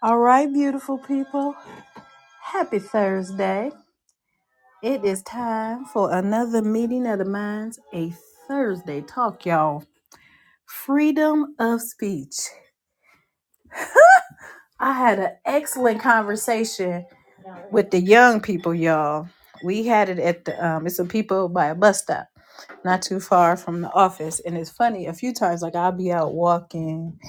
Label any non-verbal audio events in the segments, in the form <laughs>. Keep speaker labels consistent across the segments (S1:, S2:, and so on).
S1: All right, beautiful people. Happy Thursday. It is time for another meeting of the minds, a Thursday talk, y'all. Freedom of speech. I had an excellent conversation with the young people, y'all. We had it at the, um, it's some people by a bus stop, not too far from the office. And it's funny, a few times, like I'll be out walking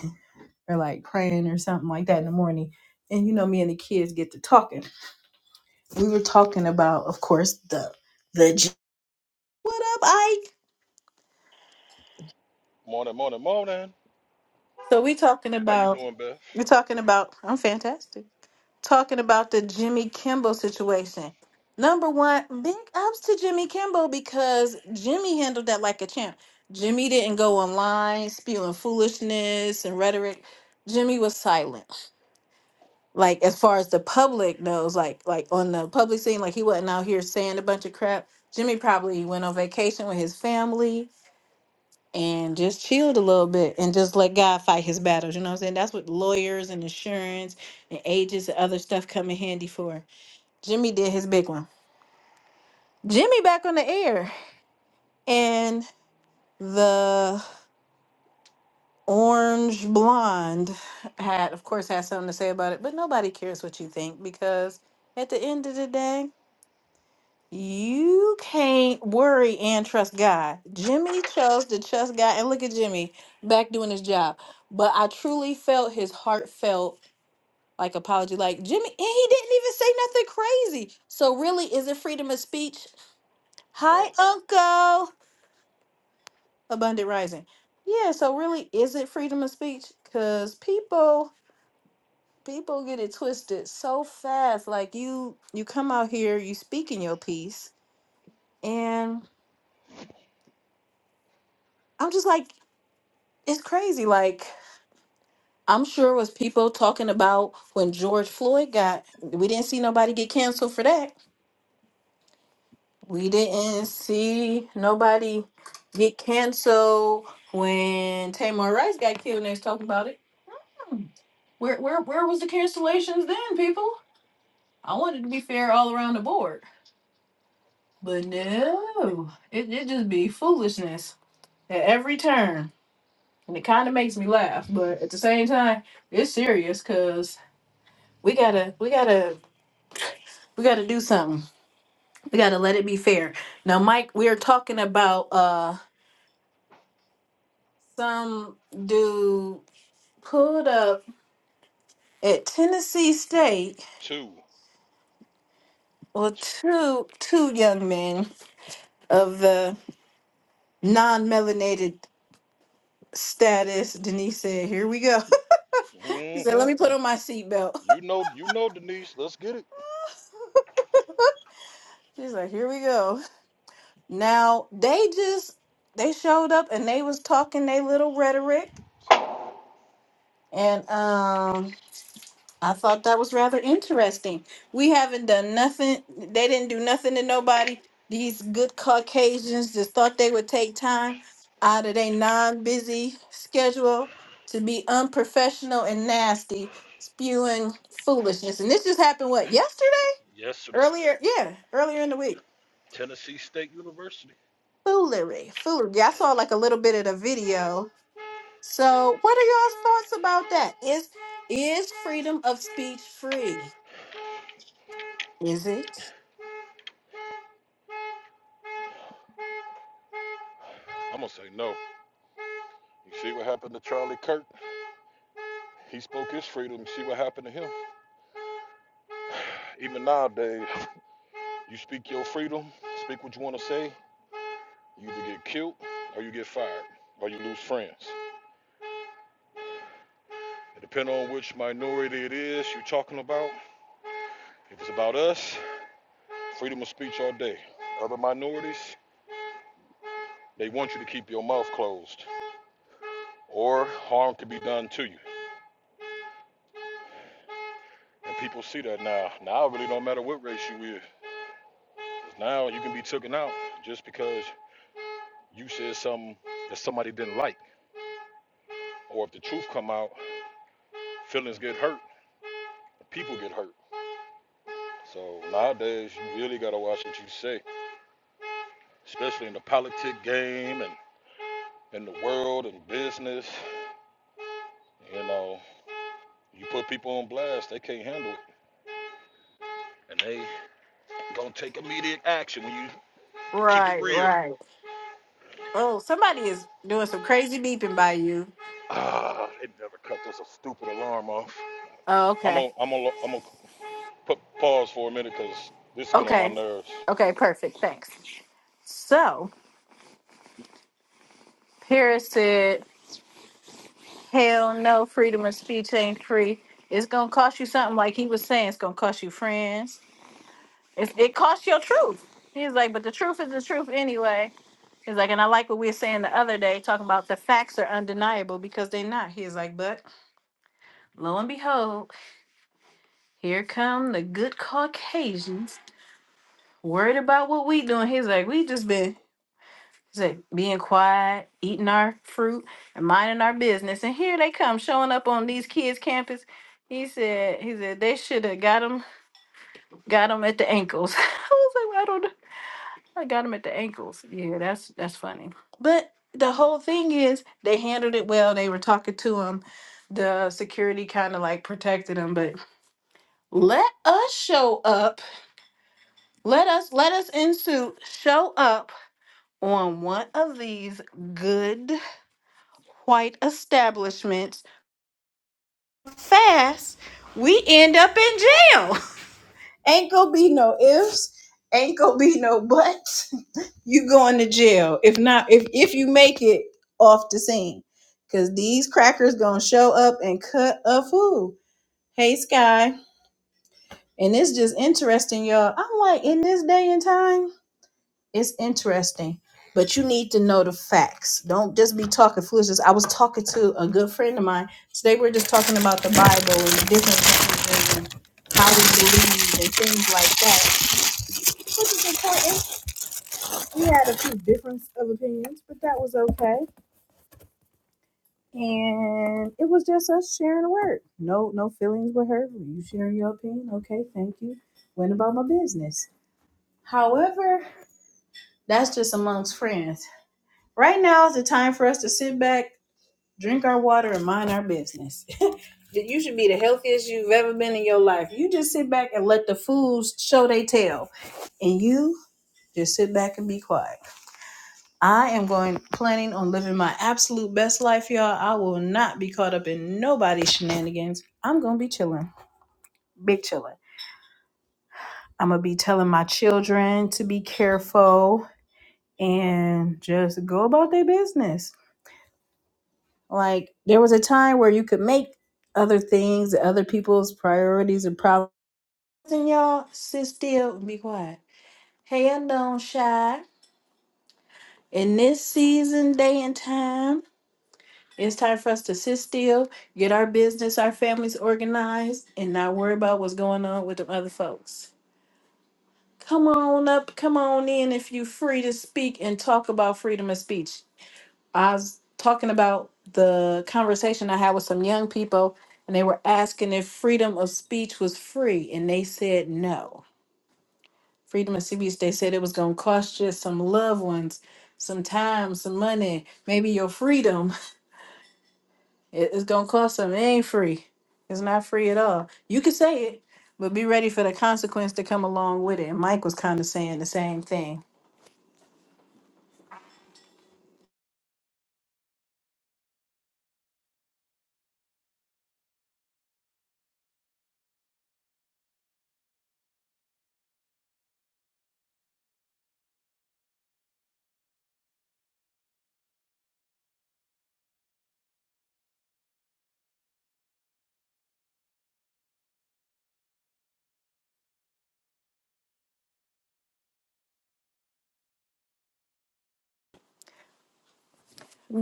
S1: or like praying or something like that in the morning. And you know, me and the kids get to talking. we were talking about, of course, the the j- what up, Ike?
S2: Morning, morning, morning.
S1: So we talking
S2: How you
S1: about
S2: doing, Beth?
S1: we talking about I'm fantastic. Talking about the Jimmy Kimball situation. Number one, big ups to Jimmy Kimball because Jimmy handled that like a champ. Jimmy didn't go online spewing foolishness and rhetoric. Jimmy was silent. Like as far as the public knows, like like on the public scene, like he wasn't out here saying a bunch of crap. Jimmy probably went on vacation with his family and just chilled a little bit and just let God fight his battles. You know what I'm saying? That's what lawyers and insurance and agents and other stuff come in handy for. Jimmy did his big one. Jimmy back on the air. And the orange blonde had, of course, had something to say about it, but nobody cares what you think because at the end of the day, You can't worry and trust God. Jimmy chose to trust God, and look at Jimmy back doing his job. But I truly felt his heartfelt like apology, like Jimmy, and he didn't even say nothing crazy. So really, is it freedom of speech?
S2: No.
S1: Hi, Uncle Abundant Rising. Yeah. So really, is it freedom of speech? Cause people people get it twisted so fast. Like you you come out here, you speak in your piece, and I'm just like. it's crazy. Like I'm sure it was people talking about when George Floyd got. We didn't see nobody get canceled for that. We didn't see nobody get canceled when Tamar Rice got killed. And they was talking about it. Hmm. Where where where was the cancellations then, people? I wanted to be fair all around the board, but
S2: Right.
S1: no, it it just be foolishness at every turn, and it kind of makes me laugh. But at the same time, it's serious we gotta we gotta we gotta do something we gotta let it be fair now mike we are talking about uh some dude pulled up at tennessee state
S2: 2
S1: well two two young men of the non-melanated status denise said here we go <laughs> she said let me
S2: Mm-hmm.
S1: put on my seatbelt
S2: You know, you know, Denise. Let's get it.
S1: <laughs> she's like here we go now they just they showed up and they was talking their little rhetoric and um I thought that was rather interesting. We haven't done nothing. They didn't do nothing to nobody. These good Caucasians just thought they would take time out of their non-busy schedule to be unprofessional and nasty, spewing foolishness. And this just happened what yesterday?
S2: Yesterday,
S1: Earlier, yeah, earlier in the week.
S2: Tennessee State University.
S1: Foolery, foolery. I saw like a little bit of the video. So, what are y'all's thoughts about that? Is is freedom of speech free? Is it?
S2: I'm gonna say no. You see what happened to Charlie Kirk? He spoke his freedom. You see what happened to him? Even nowadays, you speak your freedom, speak what you want to say, You either get killed or you get fired or you lose friends. It depends on which minority it is you're talking about. If it's about us, freedom of speech all day. Other minorities, they want you to keep your mouth closed or harm can be done to you. And people see that now. Now it really don't matter what race you is, Now you can be taken out just because you said something that somebody didn't like. Or if the truth come out, feelings get hurt, people get hurt. So nowadays you really gotta watch what you say especially in the politic game and in the world and business. You know, you put people on blast, they can't handle it. And they gonna take immediate action when you keep it
S1: Right,
S2: real.
S1: right. Oh, somebody is doing some crazy beeping by you.
S2: Ah, it never cut this a stupid alarm off.
S1: Oh,
S2: I'm
S1: okay.
S2: gonna I'm gonna I'm gonna put pause for a minute because this is getting on my
S1: Okay.
S2: nerves.
S1: Okay, perfect. Thanks. So, Paris said, hell no, freedom of speech ain't free. It's going to cost you something like he was saying. It's going to cost you friends. It, it costs your truth. He's like, but the truth is the truth anyway. He's like, and I like what we were saying the other day, talking about the facts are undeniable because they're not. He's like, but lo and behold, here come the good Caucasians worried about what we doing. He's like, we just been he's like being quiet, eating our fruit, and minding our business. And here they come showing up on these kids' campus. He said, he said they should have got him, got him at the ankles. <laughs> I was like, "Well, I don't know. I got him at the ankles. Yeah, that's that's funny. But the whole thing is they handled it well. They were talking to him. The security kind of like protected him, but let us show up. Let us let us in suit show up on one of these good white establishments fast, we end up in jail. <laughs> Ain't gonna be no ifs, ain't gonna be no buts. <laughs> You going to jail. If not, if if you make it off the scene. Cause these crackers gonna show up and cut a fool. Hey Sky. And it's just interesting, y'all. I'm like, in this day and time. It's interesting, but you need to know the facts. Don't just be talking foolishness. I was talking to a good friend of mine today. We are just talking about the Bible and the different things and how we believe and things like that, which is important. We had a few difference of opinions, but that was okay. And it was just us sharing the word. No, no feelings with her. You sharing your opinion? Okay, thank you. Went about my business. However, that's just amongst friends. Right now is the time for us to sit back drink our water and mind our business. <laughs> you should be the healthiest you've ever been in your life. You just sit back and let the fools show they tail, and you just sit back and be quiet. I am going planning on living my absolute best life, y'all. I will not be caught up in nobody's shenanigans. I'm gonna be chilling, big chilling. I'm gonna be telling my children to be careful and just go about their business. Like there was a time where you could make other things, other people's priorities and problems And y'all sit still and be quiet. Hand on shy. In this season, day and time, it's time for us to sit still, get our business, our families organized, and not worry about what's going on with the other folks. Come on up, come on in if you free to speak and talk about freedom of speech. I was talking about the conversation I had with some young people, and they were asking if freedom of speech was free, and they said no. Freedom and CBS, they said it was going to cost you some loved ones, some time, some money, maybe your freedom. <laughs> It- It's going to cost some. It ain't free. It's not free at all. You can say it, but be ready for the consequence to come along with it. And Mike was kind of saying the same thing.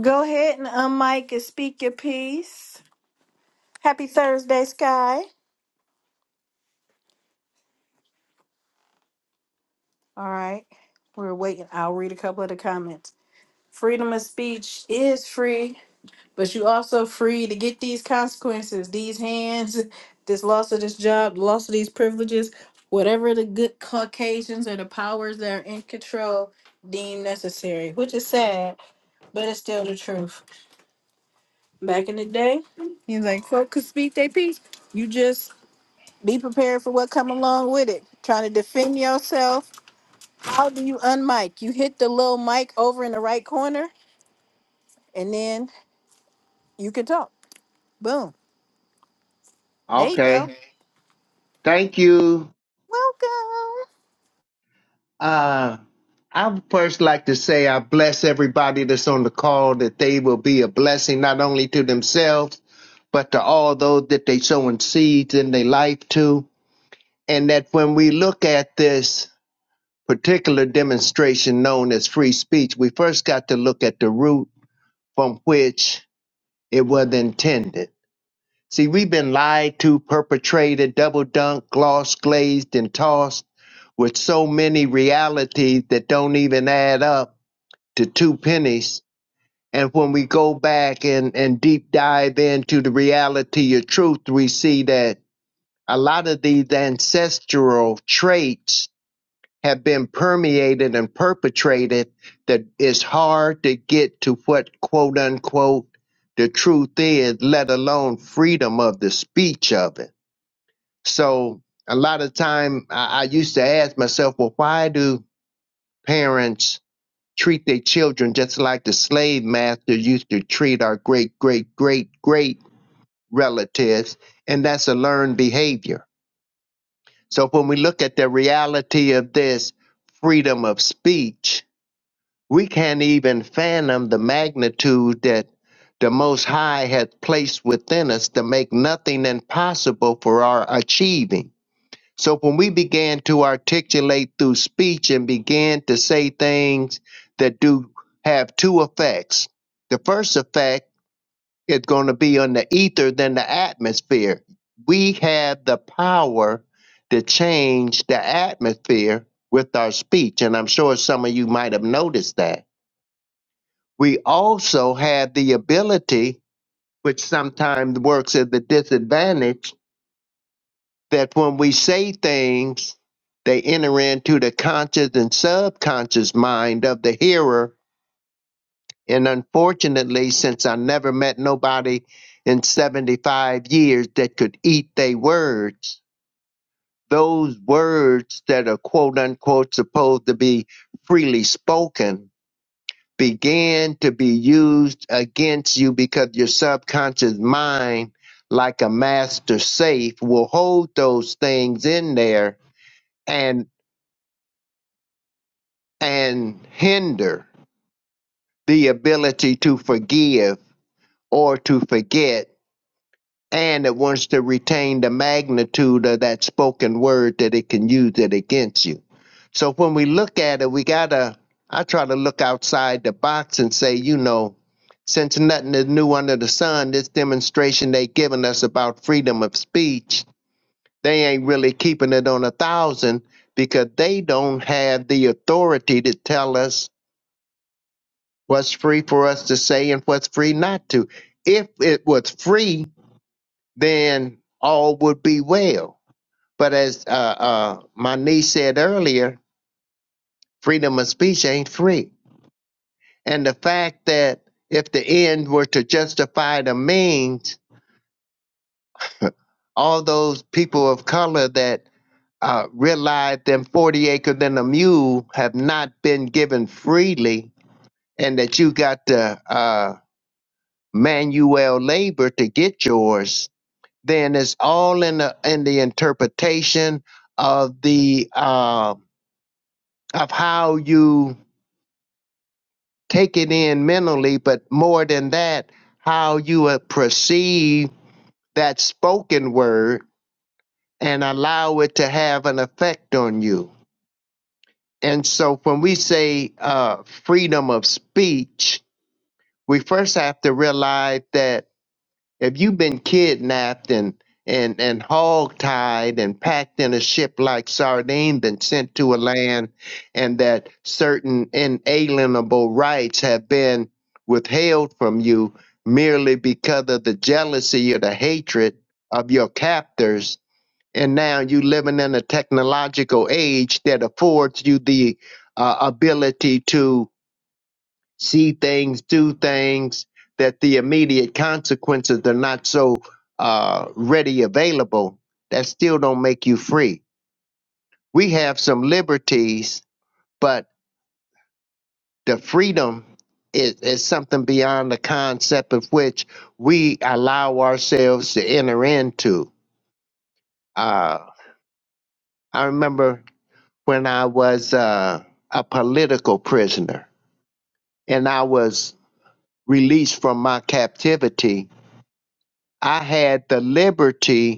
S1: Go ahead and unmic and speak your piece. Happy Thursday, Sky. All right. We're waiting. I'll read a couple of the comments. Freedom of speech is free. But you also free to get these consequences, these hands, this loss of this job, the loss of these privileges, whatever the good Caucasians or the powers that are in control deem necessary, which is sad, but it's still the truth. Back in the day, he's like, folk could speak their piece. You just be prepared for what come along with it. Trying to defend yourself. How do you unmic? You hit the little mic over in the right corner, and then you can talk. Boom. There you go.
S3: Okay. Thank you.
S1: Welcome.
S3: Uh, I would first like to say I bless everybody that's on the call that they will be a blessing not only to themselves, but to all those that they sowing seeds in their life to. And that when we look at this particular demonstration known as free speech, we first got to look at the root from which it was intended. See, we've been lied to, perpetrated, double dunked, gloss glazed, and tossed with so many realities that don't even add up to two pennies. And when we go back and, and deep dive into the reality of truth, we see that a lot of these ancestral traits have been permeated and perpetrated that it's hard to get to what quote unquote the truth is, let alone freedom of the speech of it. So a lot of time I, I used to ask myself, well, why do parents treat their children just like the slave master used to treat our great, great, great, great relatives? And that's a learned behavior. So when we look at the reality of this freedom of speech, we can't even fathom the magnitude that the Most High has placed within us to make nothing impossible for our achieving. So when we began to articulate through speech and began to say things that do have two effects, the first effect is going to be on the ether than the atmosphere. We have the power to change the atmosphere with our speech, and I'm sure some of you might have noticed that. We also have the ability, which sometimes works at the disadvantage that when we say things, they enter into the conscious and subconscious mind of the hearer. And unfortunately, since I never met nobody in 75 years that could eat their words, those words that are quote unquote supposed to be freely spoken began to be used against you because your subconscious mind, like a master safe, will hold those things in there and. and hinder the ability to forgive or to forget, and it wants to retain the magnitude of that spoken word that it can use it against you. So when we look at it, we gotta, I try to look outside the box and say, you know, since nothing is new under the sun, this demonstration they giving us about freedom of speech, they ain't really keeping it on a thousand because they don't have the authority to tell us what's free for us to say and what's free not to. If it was free, then all would be well. But as uh, uh, my niece said earlier, freedom of speech ain't free. And the fact that if the end were to justify the means, all those people of color that uh, realized them 40 acres and a mule have not been given freely, and that you got to uh, manual labor to get yours, then it's all in the in the interpretation of the uh, of how you take it in mentally, but more than that, how you uh, perceive that spoken word and allow it to have an effect on you. And so, when we say uh, freedom of speech, we first have to realize that If you've been kidnapped and and and hogtied and packed in a ship like sardine, then sent to a land, and that certain inalienable rights have been withheld from you merely because of the jealousy or the hatred of your captors, and now you living in a technological age that affords you the uh, ability to see things, do things that the immediate consequences are not so uh, ready available, that still don't make you free. We have some liberties, but the freedom is, is something beyond the concept of which we allow ourselves to enter into. Uh, I remember when I was uh, a political prisoner and I was released from my captivity, I had the liberty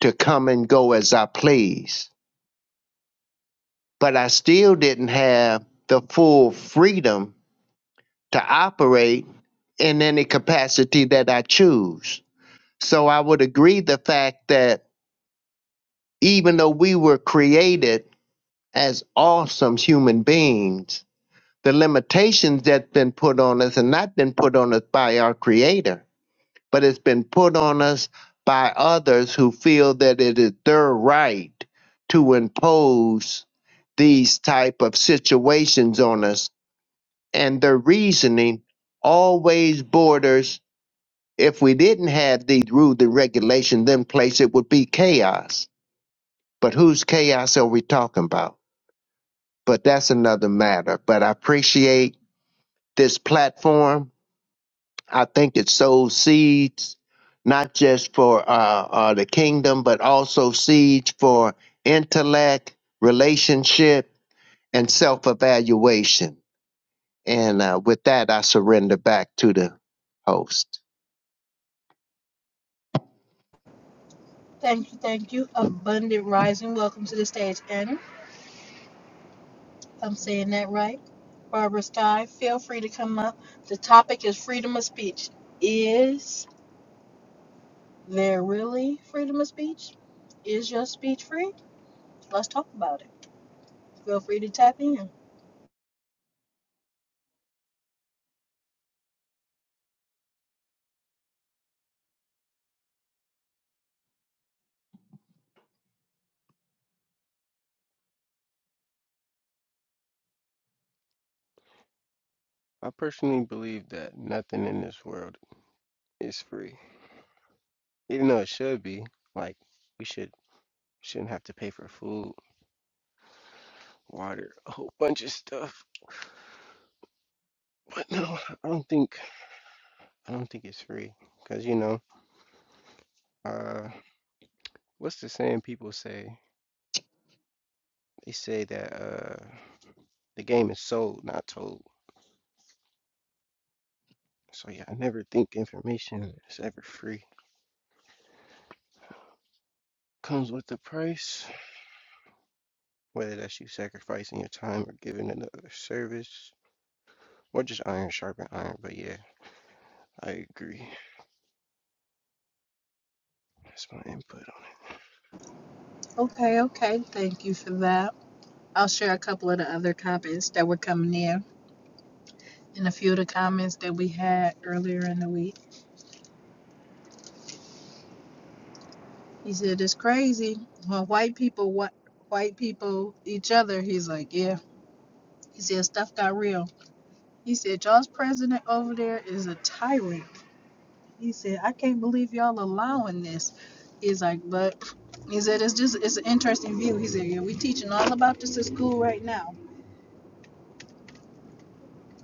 S3: to come and go as I please. But I still didn't have the full freedom to operate in any capacity that I choose. So I would agree the fact that even though we were created as awesome human beings, the limitations that's been put on us and not been put on us by our creator but it's been put on us by others who feel that it is their right to impose these type of situations on us and their reasoning always borders if we didn't have these rules and regulations in place it would be chaos but whose chaos are we talking about but that's another matter but i appreciate this platform I think it sows seeds not just for uh, uh, the kingdom, but also seeds for intellect, relationship, and self evaluation. And uh, with that, I surrender back to the host.
S1: Thank you, thank you. Abundant Rising, welcome to the stage. And if I'm saying that right, Barbara Sky, feel free to come up. The topic is freedom of speech. Is there really freedom of speech? Is your speech free? Let's talk about it. Feel free to tap in.
S4: I personally believe that nothing in this world is free, even though it should be. Like we should shouldn't have to pay for food, water, a whole bunch of stuff. But no, I don't think I don't think it's free because you know, uh, what's the saying people say? They say that uh, the game is sold, not told. So yeah, I never think information is ever free. Comes with a price, whether that's you sacrificing your time or giving another service, or just iron sharpen iron. But yeah. I agree. That's my input on it.
S1: Okay, okay. Thank you for that. I'll share a couple of the other comments that were coming in and a few of the comments that we had earlier in the week. He said, It's crazy. Well, white people, what? White people, each other. He's like, yeah. He said stuff got real. He said y'all's president over there is a tyrant. He said I can't believe y'all allowing this. He's like, but he said it's just it's an interesting view. He said yeah, we teaching all about this at school right now.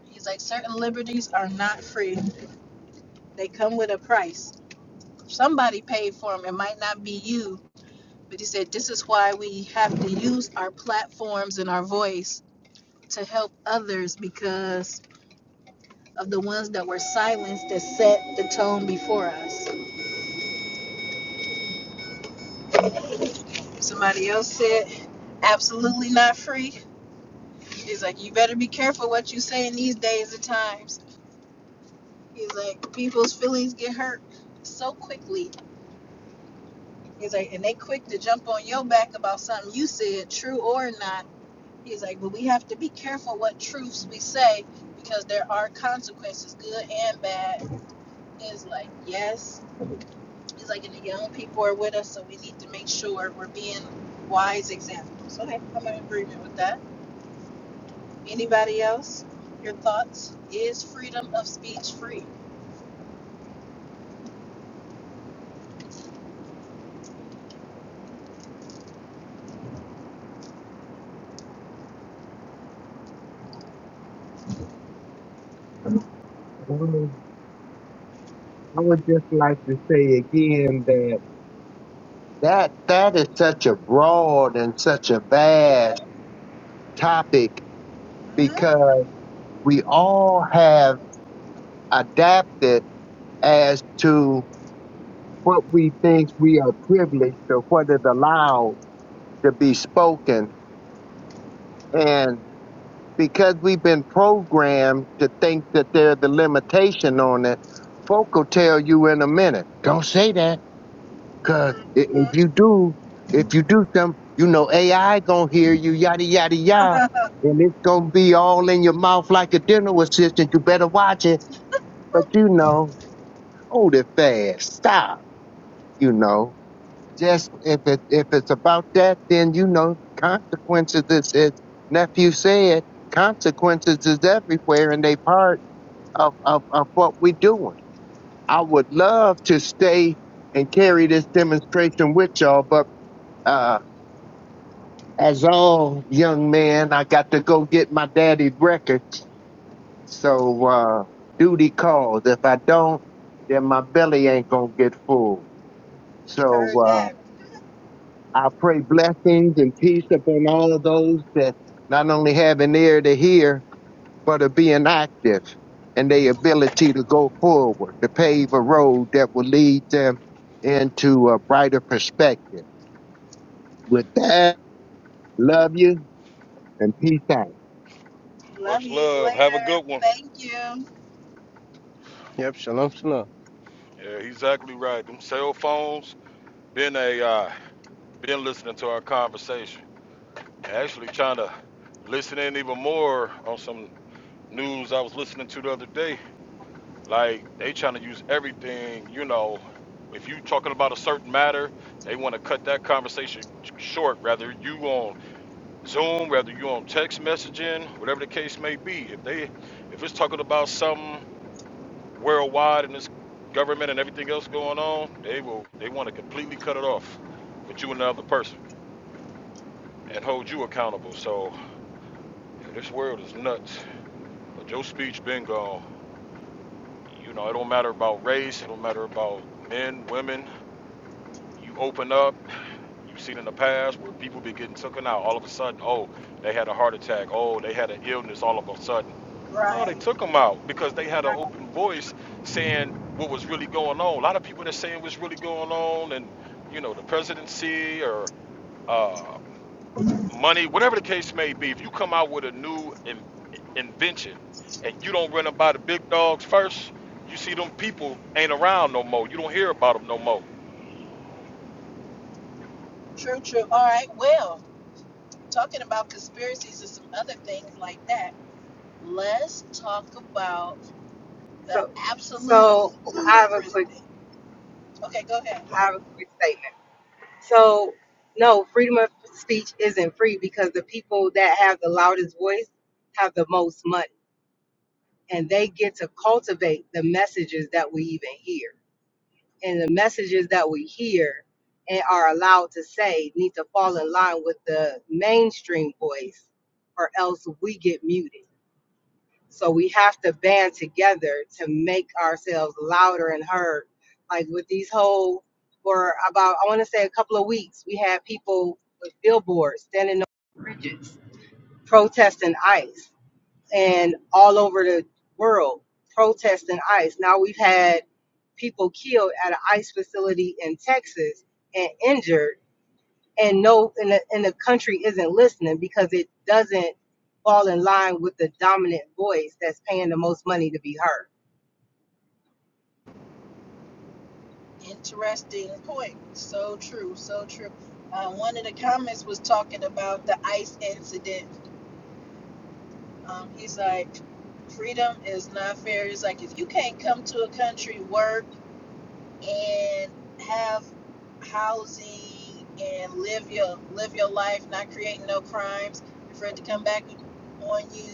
S1: He's like certain liberties are not free. They come with a price. Somebody paid for them. It might not be you, but he said this is why we have to use our platforms and our voice to help others because of the ones that were silenced that set the tone before us. Somebody else said, absolutely not free. He's like, you better be careful what you say in these days and times. He's like, people's feelings get hurt so quickly. He's like, and they quick to jump on your back about something you said, true or not. He's like, but we have to be careful what truths we say because there are consequences, good and bad. He's like, yes. He's like, and the young people are with us, so we need to make sure we're being wise examples. Okay, I'm in agreement with that. Anybody else? Your thoughts? Is freedom of speech free?
S3: I would just like to say again that that that is such a broad and such a vast topic because we all have adapted as to what we think we are privileged or what is allowed to be spoken. And because we've been programmed to think that there's a limitation on it, folk will tell you in a minute, don't say that Cause i- if you do, if you do some, you know AI gonna hear you, yada yada yada, and it's gonna be all in your mouth like a dental assistant. You better watch it. But you know, hold it fast. Stop. You know, just if it if it's about that, then you know consequences. As as nephew said, consequences is everywhere, and they part of of of what we doing. I would love to stay and carry this demonstration with y'all, but. uh. as all young man, I got to go get my daddy's records. So uh, duty calls. If I don't, then my belly ain't gonna get full. So
S1: Heard that.
S3: uh, I pray blessings and peace upon all of those that not only have an ear to hear, but are being active and their ability to go forward, to pave a road that will lead them into a brighter perspective. With that, love you and peace out.
S2: Much love. Have a good one.
S1: Thank you.
S4: Yep, shalom, shalom.
S2: Yeah, he's exactly right. Them cell phones, been AI, been listening to our conversation. Actually trying to listen in even more on some news I was listening to the other day. Like they trying to use everything, you know. If you talking about a certain matter, they want to cut that conversation short. Whether you on Zoom, whether you on text messaging, whatever the case may be. If they, if it's talking about something worldwide and this government and everything else going on, they will, they want to completely cut it off with you and the other person and hold you accountable. So yeah, this world is nuts. But your speech been gone. You know, it don't matter about race, it don't matter about men, women. You open up, you've seen in the past where people be getting taken out all of a sudden. Oh, they had a heart attack. Oh, they had an illness all of a sudden. No, they
S1: Right.
S2: took them out because they had an
S1: right.
S2: open voice saying what was really going on. A lot of people that saying what's really going on, and you know, the presidency or uh, money, whatever the case may be, if you come out with a new in, invention and you don't run them by the big dogs first, you see them people ain't around no more. You don't hear about them no more.
S1: True, true. All right. Well, talking about conspiracies and some other things like that, let's talk about the
S5: So,
S1: absolute
S5: so I have a
S1: ludicrous
S5: quick,
S1: thing. Okay, go ahead.
S5: I have a quick statement. So, no, freedom of speech isn't free because the people that have the loudest voice have the most money, and they get to cultivate the messages that we even hear, and the messages that we hear and are allowed to say need to fall in line with the mainstream voice, or else we get muted. So we have to band together to make ourselves louder and heard. Like with these whole, for about, I want to say a couple of weeks, we had people with billboards standing on bridges protesting ICE and all over the world protesting ICE. Now we've had people killed at an ICE facility in Texas and injured and no and the, and the country isn't listening because it doesn't fall in line with the dominant voice that's paying the most money to be heard
S1: Interesting point. So true. So true. Uh, one of the comments was talking about the ICE incident Um, he's like, freedom is not fair. He's like, if you can't come to a country, work, and have housing and live your live your life, not creating no crimes, for it to come back on you,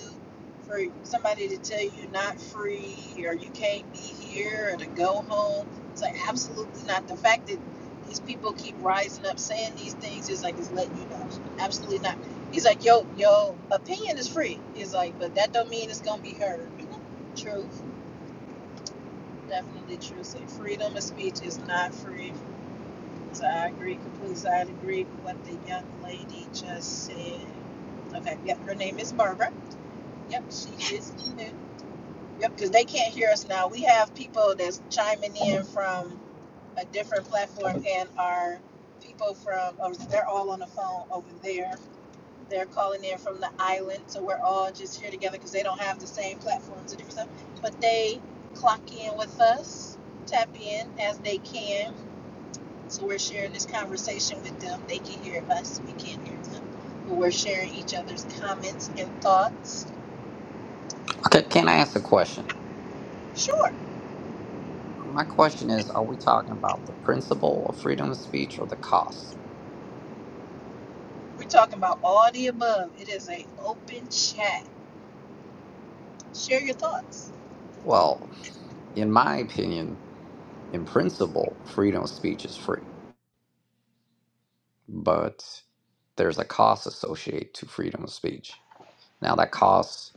S1: for somebody to tell you you're not free or you can't be here or to go home. It's like absolutely not. The fact that these people keep rising up saying these things is like it's letting you know. Absolutely not. He's like, yo, yo, opinion is free. He's like, but that don't mean it's gonna be heard. <laughs> Truth, definitely true. Say freedom of speech is not free so I agree completely. So I agree with what the young lady just said. Okay, yep, her name is Barbara. Yep, she is new. Yep, because they can't hear us now. We have people that's chiming in from a different platform and our people from, oh, they're all on the phone over there. They're calling in from the island, so we're all just here together because they don't have the same platforms and different stuff. But they clock in with us, tap in as they can so we're sharing this conversation with them. They can hear us, we can't hear them. But we're sharing each other's comments and thoughts.
S6: C- Can I ask a question?
S1: Sure.
S6: My question is Are we talking about the principle of freedom of speech or the cost?
S1: We're talking about all the above. It is a open chat. Share your thoughts.
S6: Well, in my opinion, in principle, freedom of speech is free, but there's a cost associated to freedom of speech. Now, that cost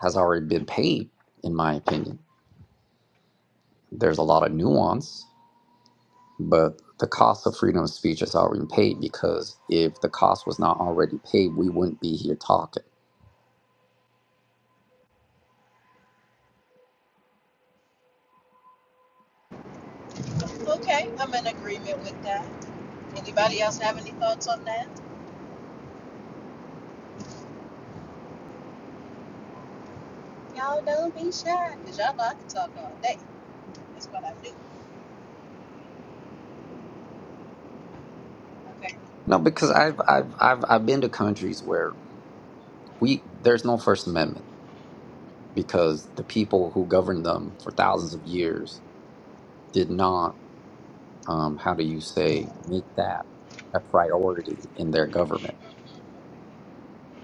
S6: has already been paid, in my opinion. There's a lot of nuance, but the cost of freedom of speech has already been paid because if the cost was not already paid, we wouldn't be here talking.
S1: Okay, I'm in agreement with that. Anybody else have any thoughts on that? Y'all don't be shy, because y'all know I can talk all day. That's what I do. Okay,
S6: No, because I've I've I've I've been to countries where we there's no First Amendment because the people who governed them for thousands of years did not, um, how do you say, make that a priority in their
S2: Oops.
S6: government,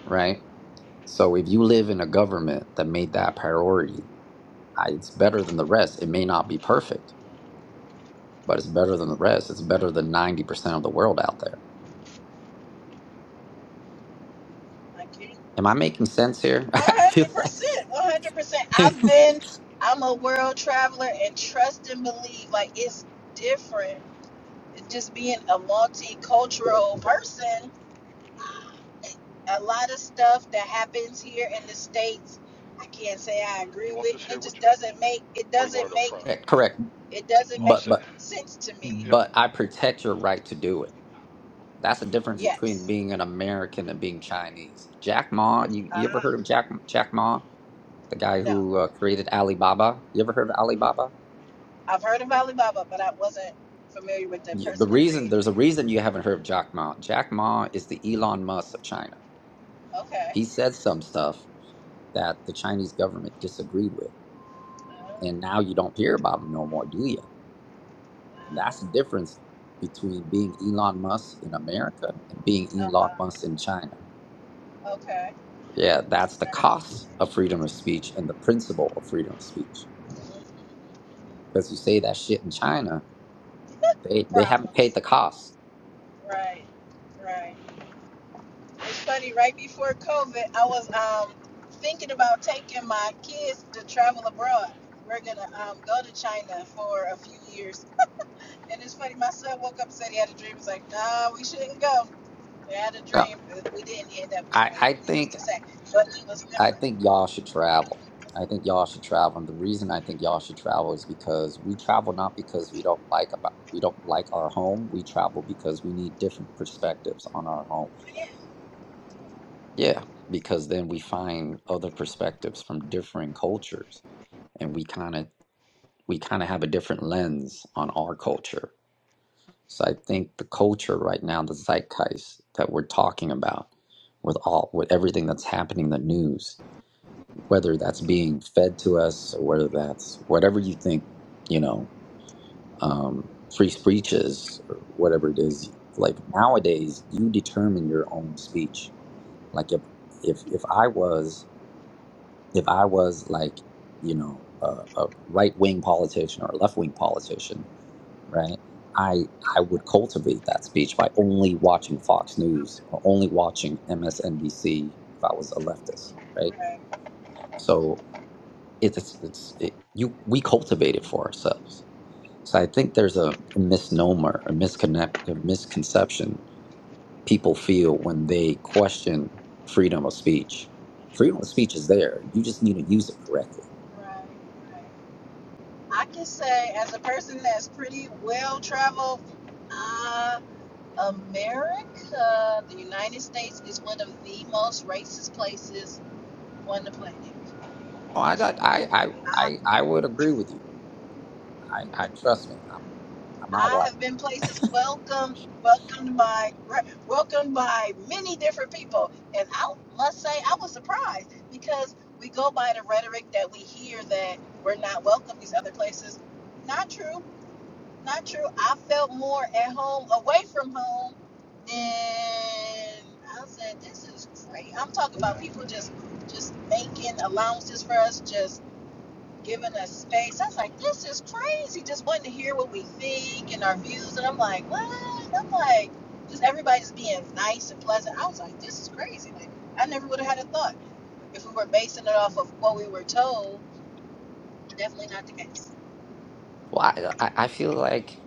S6: right? So if you live in a government that made that priority, I, it's better than the rest. It may not be perfect, but it's better than the rest. It's better than ninety percent of the world out there.
S1: I kidding.
S6: Am I making sense here? <laughs> I feel like
S1: 100%. 100%.
S6: <laughs>
S1: I've been, I'm a world traveler, and trust and believe, like, it's different just being a multicultural person, a lot of stuff that happens here in the states, I can't say I
S2: You
S1: agree
S2: want
S1: with,
S2: this
S1: and
S2: here
S1: it
S2: with
S1: just
S2: you,
S1: doesn't make it
S2: or you
S1: doesn't
S2: want it up
S1: make
S2: front?
S6: correct, correct.
S1: it doesn't
S2: All
S6: But
S1: make
S2: set.
S6: but
S1: sense to me.
S2: Yep.
S6: but I protect your right to do it That's the difference between
S1: Yes,
S6: being an American and being Chinese. Jack Ma, you, you ever
S1: uh,
S6: heard of Jack Jack Ma, the guy
S1: no,
S6: who uh, created Alibaba? You ever heard of Alibaba?
S1: I've heard of Alibaba, but I wasn't familiar with the
S6: Y- The
S1: person that
S6: reason
S1: created it.
S6: there's a reason you haven't heard of Jack Ma. Jack Ma is the Elon Musk of China.
S1: Okay.
S6: He said some stuff that the Chinese government disagreed with, and now you don't hear about him no more, do you? And that's the difference between being Elon Musk in America and being
S1: Uh
S6: Elon
S1: huh.
S6: Musk in China.
S1: Okay.
S6: Yeah, that's the cost of freedom of speech and the principle of freedom of speech.
S1: <laughs>
S6: Because you say that shit in China, they they haven't paid
S1: Problems.
S6: the cost.
S1: Right. Right. It's funny, right before COVID, I was um, thinking about taking my kids to travel abroad. We're going to um, go to China for a few years. And it's funny, my son woke up and said he had a dream. He's like, nah, we shouldn't go. I had a
S6: No,
S1: dream, but we didn't end up
S6: I
S1: going,
S6: I
S1: needless
S6: think
S1: to say. But it was
S6: I
S1: different.
S6: think y'all should travel. I think y'all should travel, and the reason I think y'all should travel is because we travel not because we don't like about we don't like our home. We travel because we need different perspectives on our home. Yeah, because then we find other perspectives from different cultures, and we kind of we kind of have a different lens on our culture So I think the culture right now, the zeitgeist that we're talking about, with all with everything that's happening in the news, whether that's being fed to us or whether that's whatever you think, you know, um, free speech is or whatever it is. Like nowadays, you determine your own speech. Like if if if I was if I was like you know a, a right wing politician or a left wing politician, right? I I would cultivate that speech by only watching Fox News or only watching MSNBC if I was a leftist, right?
S1: Right,
S6: So it's it's it, you we cultivate it for ourselves. So I think there's a misnomer, a misconnect, a misconception people feel when they question freedom of speech. Freedom of speech is there. You just need to use it correctly.
S1: right, right. I can say, as a person that's pretty well traveled, uh, America, the United States, is one of the most racist places On the planet,
S6: Oh, I got I I I, I would agree with you. I, I trust me. I'm I'm not
S1: I
S6: white.
S1: have been places welcome, welcomed by, welcomed by many different people, and I must say I was surprised because we go by the rhetoric that we hear that we're not welcome these other places. Not true. Not true. I felt more at home away from home than I said. This is great. I'm talking about people just, just making allowances for us, just giving us space. I was like, this is crazy. Just wanting to hear what we think and our views. And I'm like, what? And I'm like, just everybody's being nice and pleasant. I was like, this is crazy. Like, I never would have had a thought if we were basing it off of what we were told. Definitely not the case.
S6: Well, I, uh, I I feel like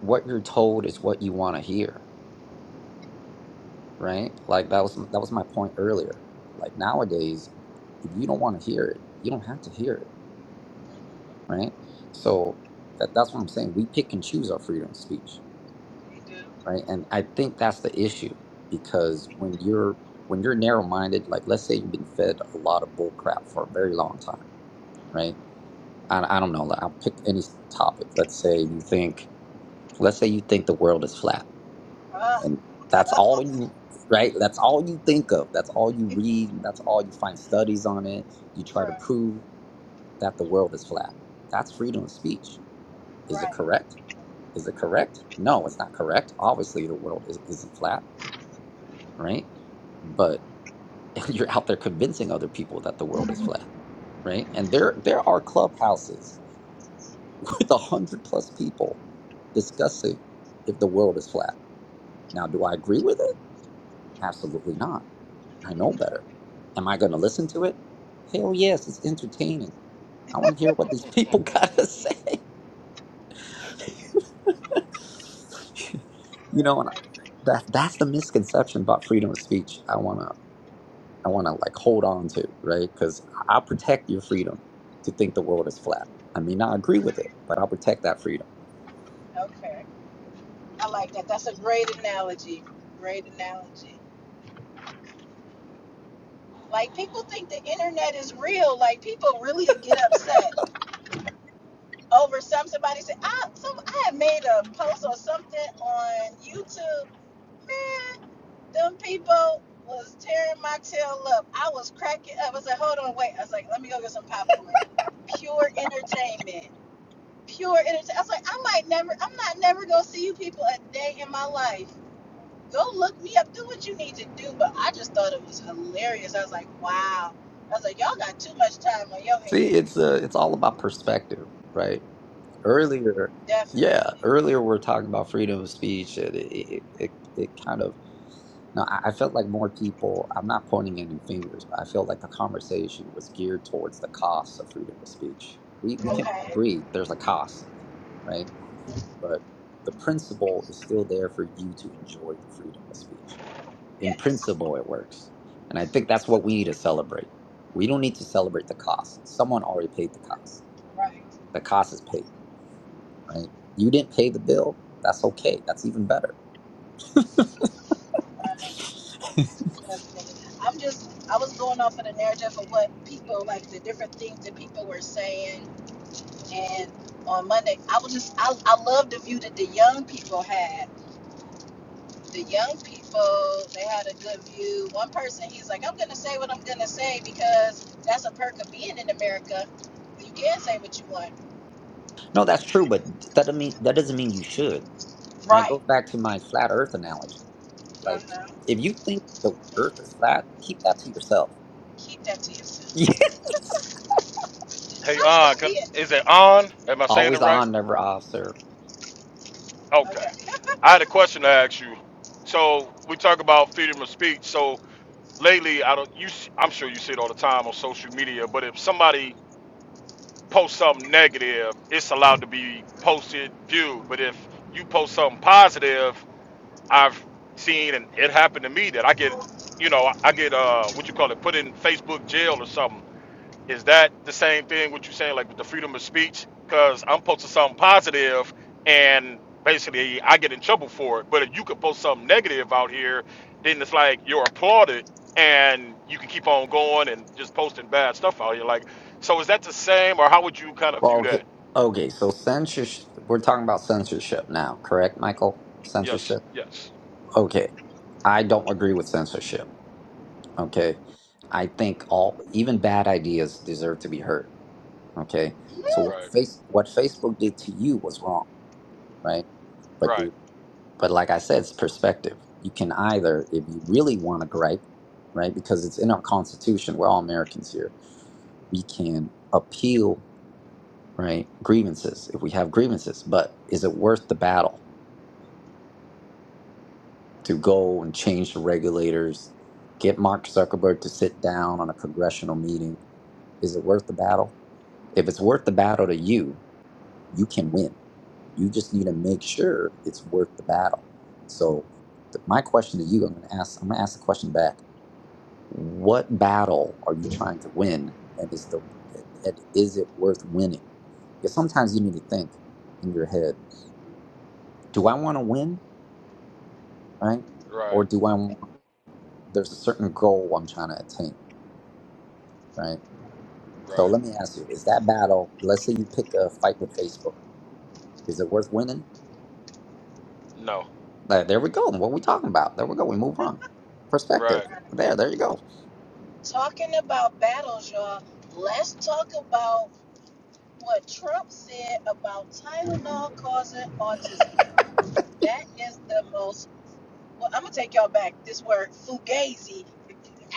S6: what you're told is what you want to hear, right? Like that was that was my point earlier. Like nowadays, if you don't want to hear it, you don't have to hear it, right? So that that's what I'm saying. We pick and choose our freedom of speech,
S1: You do.
S6: right? And I think that's the issue because when you're when you're narrow-minded, like let's say you've been fed a lot of bull crap for a very long time, right? I, I don't know. Like, I'll pick any topic. Let's say you think, let's say you think the world is flat
S1: Ah,
S6: and that's all you right that's all you think of that's all you read and that's all you find studies on it you try to
S1: right,
S6: prove that the world is flat that's freedom of speech is it
S1: right.
S6: correct is it correct no it's not correct obviously the world is, isn't flat right but <laughs> you're out there convincing other people that the world is flat right and there there are clubhouses <laughs> with a hundred plus people discussing if the world is flat now do i agree with it absolutely not I know better. Am I going to listen to it? Hell yes, it's entertaining. I want to hear what these people <laughs> got to say. you know, and that that's the misconception about freedom of speech. I want to I want to like hold on to, right? Cuz I'll protect your freedom to think the world is flat. I may not agree with it, but I'll protect that freedom.
S1: Okay. I like that. That's a great analogy. Great analogy. Like people think the internet is real. Like people really get upset. over some somebody said I some I had made a post or something on YouTube. Man, them people was tearing my tail up. I was cracking up. I was like, hold on, wait. I was like, let me go get some popcorn. Pure entertainment. Pure entertainment. I was like, I might never I'm not never gonna see you people a day in my life. Go look me up, do what you need to do. But I just thought it was hilarious. I was like, wow. I was like, y'all got too much time on your
S6: See, it's
S1: hands.
S6: uh, it's all about perspective, right? Earlier,
S1: Definitely.
S6: yeah, earlier we are talking about freedom of speech and it it, it, it kind of No, I, I felt like more people, I'm not pointing any fingers, but I feel like the conversation was geared towards the costs of freedom of speech. We, we can all
S1: Okay.
S6: agree there's a cost, right? But the principle is still there for you to enjoy the freedom of speech. In
S1: Yes.
S6: principle, it works. And I think that's what we need to celebrate. We don't need to celebrate the cost. Someone already paid the cost.
S1: Right.
S6: The cost is paid, right? You didn't pay the bill. That's okay. That's even better.
S1: running because I'm just, I was going off of the narrative of what people, like the different things that people were saying. And on Monday, I was just, I, I love the view that the young people had. The young people, they had a good view. One person, he's like, I'm going to say what I'm going to say because that's a perk of being in America. You can say what you want.
S6: No, that's true, but that doesn't mean that doesn't mean you should. And it
S1: Right.
S6: goes back to my flat Earth analogy. Like,
S1: Uh-huh.
S6: if you think the Earth is flat, keep that to yourself.
S1: Keep that to yourself.
S6: <laughs>
S2: Hey,
S1: Some
S2: on.
S1: stuff,
S2: Can,
S1: yeah.
S2: is it on? Am I saying
S6: Always
S2: it right?
S6: on, never off, sir.
S2: Okay.
S1: Okay.
S2: I had a question to ask you. So we talk about freedom of speech. So lately, I don't. You, s- I'm sure you see it all the time on social media. But if somebody post something negative, it's allowed to be posted, viewed. But if you post something positive, I've seen and it happened to me that I get, you know, I get uh what you call it, put in Facebook jail or something is that the same thing what you're saying, like with the freedom of speech? Because I'm posting something positive and basically I get in trouble for it. But if you could post something negative out here, then it's like you're applauded and you can keep on going and just posting bad stuff out here. Like, so is that the same or how would you kind of
S6: Well,
S2: view
S6: okay,
S2: that?
S6: okay. So censorship. We're talking about censorship now, correct, Michael?
S2: Yes,
S6: Censorship.
S2: yes.
S6: Okay, I don't agree with censorship. Okay, I think all even bad ideas deserve to be heard. Okay, so what
S2: Right,
S6: face what Facebook did to you was wrong, right? But you're.
S2: right,
S6: But like I said, it's perspective. You can either, if you really want to gripe, right, because it's in our Constitution, we're all Americans here, we can appeal, right, grievances if we have grievances. But is it worth the battle to go and change the regulators, get Mark Zuckerberg to sit down on a congressional meeting? Is it worth the battle? If it's worth the battle to you, you can win. You just need to make sure it's worth the battle. So, th- my question to you, I'm going to ask, I'm going to ask the question back what battle are you trying to win and is the and is it worth winning because sometimes you need to think in your head do i want to win right
S2: right,
S6: or do i want there's a certain goal i'm trying to attain right so
S2: right.
S6: let me ask you is that battle let's say you pick a fight with facebook is it worth winning
S2: No,
S6: Like, there we go what we talking about there we go we move on perspective
S2: right,
S6: there there you go
S1: Talking about battles, y'all. Let's talk about what Trump said about Tylenol causing autism. that is the most. Well, I'm gonna take y'all back. This word fugazi,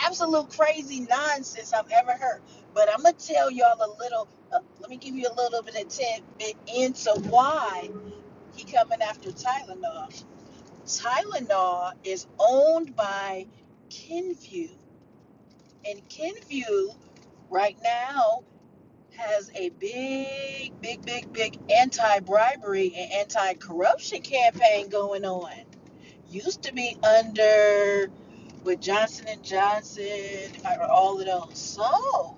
S1: absolute crazy nonsense I've ever heard. But I'm gonna tell y'all a little. Uh, let me give you a little bit of tidbit into why he coming after Tylenol. Tylenol is owned by Kenvue, and Kenvue right now has a big, big, big, big anti bribery and anti corruption campaign going on. Used to be under with Johnson and Johnson, all of those. So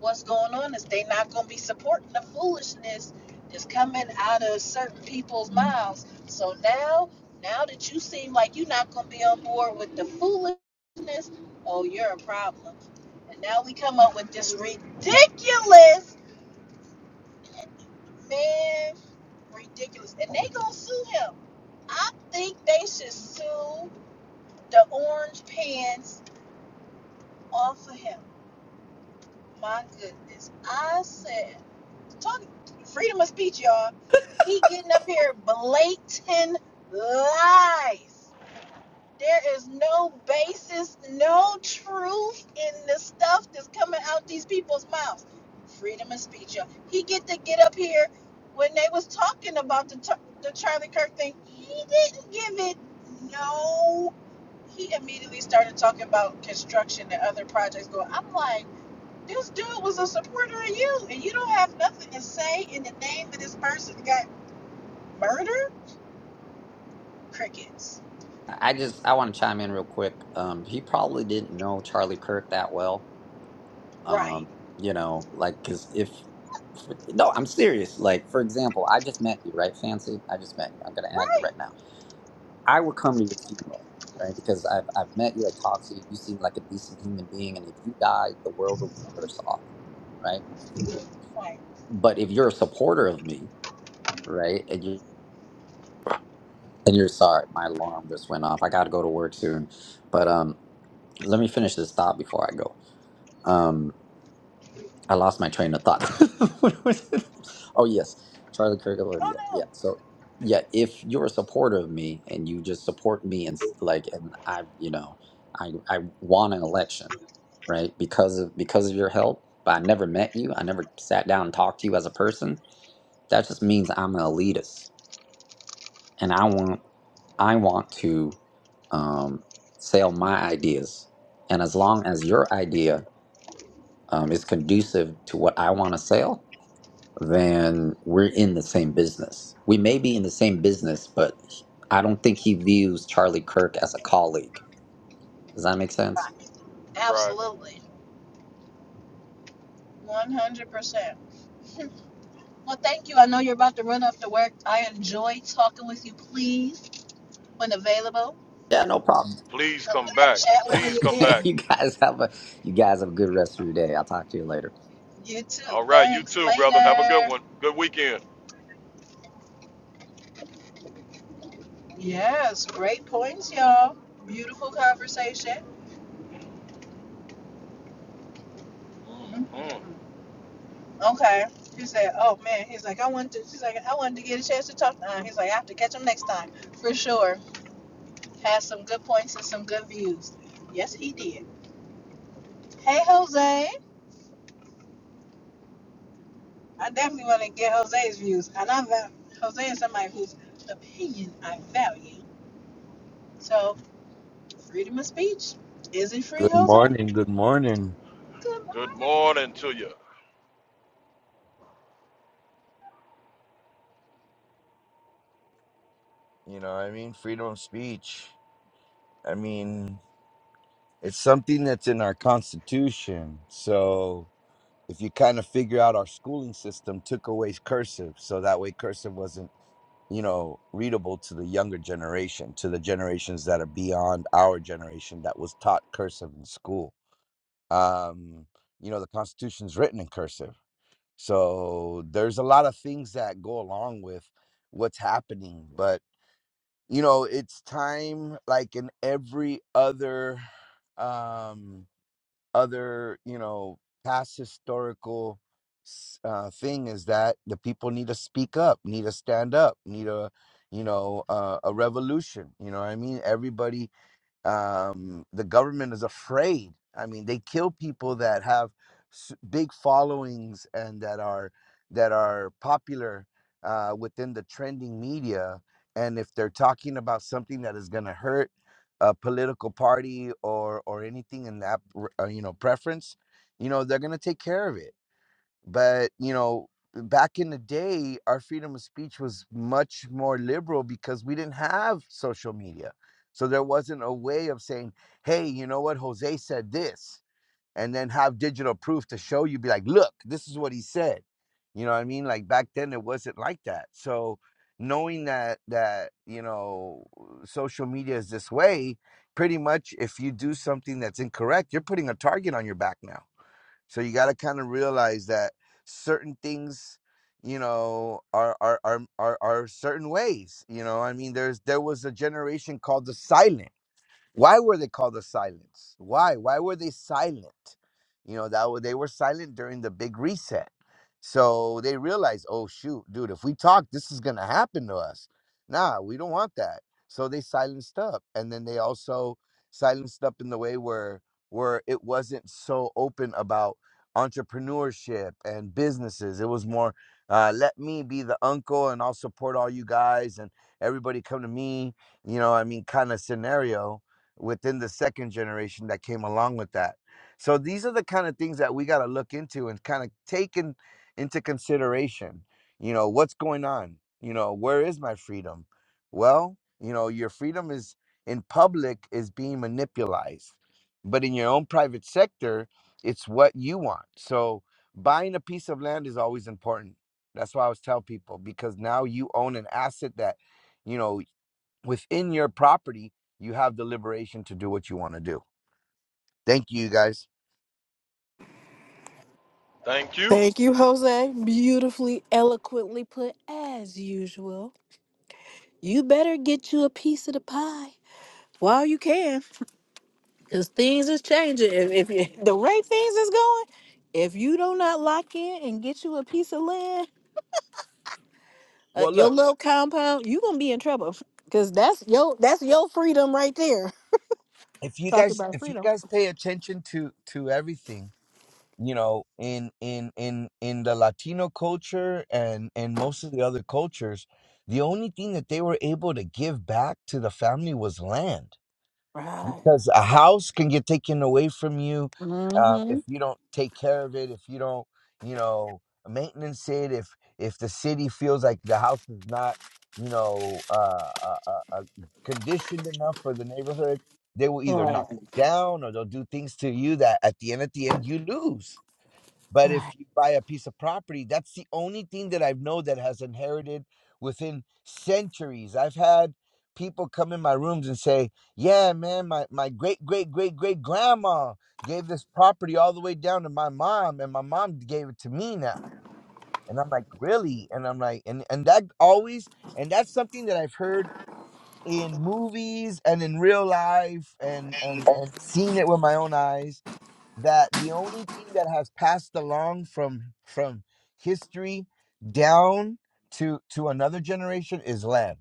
S1: what's going on is they not going to be supporting the foolishness that's coming out of certain people's mouths. So now, now that you seem like you're not going to be on board with the foolishness, oh, you're a problem. And now we come up with this ridiculous Man, ridiculous. And they gonna sue him. I think they should sue the orange pants off of him. My goodness. I said, talk freedom of speech, y'all. He getting up here blatant lies. There is no basis, no truth in the stuff that's coming out these people's mouths. Freedom of speech. y'all. He get to get up here when they was talking about the Ch- the Charlie Kirk thing. He didn't give it no. He immediately started talking about construction and other projects going. I'm like, this dude was a supporter of you, and you don't have nothing to say in the name of this person that got murdered. Crickets.
S6: i I just i want to chime in real quick um he probably didn't know charlie kirk that well
S1: Right.
S6: um you know like because if no i'm serious like for example i just met you right fancy i just met you i'm gonna add you
S1: Right.
S6: right now i would come to your funeral right because i've, I've met you i talked to you you seem like a decent human being and if you die the world will be worse off right
S1: Like,
S6: but if you're a supporter of me right and you and you're sorry my alarm just went off i gotta go to work soon but um let me finish this thought before i go Um. I lost my train of thought. <laughs> What was it? oh yes, Charlie Kirk. Yeah, yeah.
S1: oh
S6: So yeah, if you're a supporter of me and you just support me and s- like, and I, you know, I I won an election, right? Because of because of your help, but I never met you. I never sat down and talked to you as a person. That just means I'm an elitist, and I want I want to um, sell my ideas. And as long as your idea um, is conducive to what I want to sell, then we're in the same business. We may be in the same business, but he- I don't think he views Charlie Kirk as a colleague. Does that make
S1: no.
S6: sense?
S2: right.
S1: Absolutely. 100%. Well, thank you. I know you're about to run off to work. I enjoy talking with you. Please, when available,
S6: Yeah, no problem.
S2: Please
S1: come
S2: come
S1: back,
S2: back.
S1: chat with
S2: Please
S1: me
S2: come
S6: <laughs>
S2: back.
S1: again.
S6: you guys have a you guys have a good rest of your day. I'll talk to you later.
S1: You too.
S2: All right, you
S1: Thanks.
S2: too, brother. Have a good
S1: Later.
S2: one. Good weekend.
S1: Yes, great points, y'all. Beautiful conversation. mm mm
S2: Mhm.
S1: Okay. He said, "Oh man," he's like, "I wanted." To, she's like, "I wanted to get a chance to talk to him." He's like, "I have to catch him next time for sure." Has some good points and some good views. Yes, he did. Hey, Jose. I definitely want to get Jose's views, and I value Jose is somebody whose opinion I value. So, freedom of speech is it free,
S7: Good
S1: Jose?
S7: morning, good morning.
S1: Good
S2: Good
S1: morning.
S2: morning to you.
S7: You know, I mean, freedom of speech. I mean, it's something that's in our constitution. So if you kind of figure out our schooling system took away cursive, so that way cursive wasn't, you know, readable to the younger generation, to the generations that are beyond our generation that was taught cursive in school. Um, you know, the constitution's written in cursive. So there's a lot of things that go along with what's happening, but. you know it's time like in every other um other you know past historical s- uh thing is that the people need to speak up need to stand up need a you know uh, a revolution you know what i mean everybody um, the government is afraid. I mean, they kill people that have s- big followings and that are that are popular uh, within the trending media. And if they're talking about something that is going to hurt a political party or or anything in that r- uh, you know preference, you know they're going to take care of it but you know back in the day our freedom of speech was much more liberal because we didn't have social media so there wasn't a way of saying hey you know what jose said this and then have digital proof to show you be like look this is what he said you know what i mean like back then it wasn't like that so knowing that that you know social media is this way pretty much if you do something that's incorrect you're putting a target on your back now so you got to kind of realize that certain things, you know, are are are are, are certain ways. You know, I mean, there's there was a generation called the silent. Why were they called the silence? Why? Why were they silent? You know, that wa- they were silent during the big reset. So they realized, oh shoot, dude, if we talk, this is gonna happen to us. Nah, we don't want that. So they silenced up. And then they also silenced up in the way where where it wasn't so open about entrepreneurship and businesses. It was more, uh, let me be the uncle and I'll support all you guys and everybody come to me, you know, I mean, kind of scenario within the second generation that came along with that. So these are the kind of things that we got to look into and kind of take in, into consideration. You know, what's going on? You know, where is my freedom? Well, you know, your freedom is in public is being manipulated, but in your own private sector, it's what you want. So buying a piece of land is always important. That's why I always tell people because now you own an asset that, you know, within your property, you have the liberation to do what you want to do. Thank you, you guys.
S2: Thank you.
S1: Thank you, Jose. Beautifully, eloquently put as usual. You better get you a piece of the pie while you can, because things is changing. If, if you- the rate things is going, if you do not lock in and get you a piece of land. uh,
S7: Well,
S1: your
S7: look,
S1: little compound, you gonna be in trouble because that's your that's your freedom right there.
S7: if you
S1: Talking
S7: guys
S1: about
S7: if you
S1: freedom,
S7: guys pay attention to to everything, you know, in in in in the Latino culture and and most of the other cultures, the only thing that they were able to give back to the family was land
S1: right?
S7: because a house can get taken away from you uh, if
S1: Mm-hmm.
S7: you don't take care of it if you don't you know maintenance it if if the city feels like the house is not you know uh, uh, uh, uh, conditioned enough for the neighborhood they will either knock
S1: Right.
S7: it down or they'll do things to you that at the end at the end you lose but if
S1: Right.
S7: you
S1: How
S7: buy a piece of property, that's the only thing that I've known that has inherited within centuries. I've had people come in my rooms and say, Yeah, man, my, my great, great, great, great grandma gave this property all the way down to my mom, and my mom gave it to me now. And I'm like, really? And I'm like, and, and that always, and that's something that I've heard in movies and in real life and, and, and seen it with my own eyes that the only thing that has passed along from from history down to to another generation is land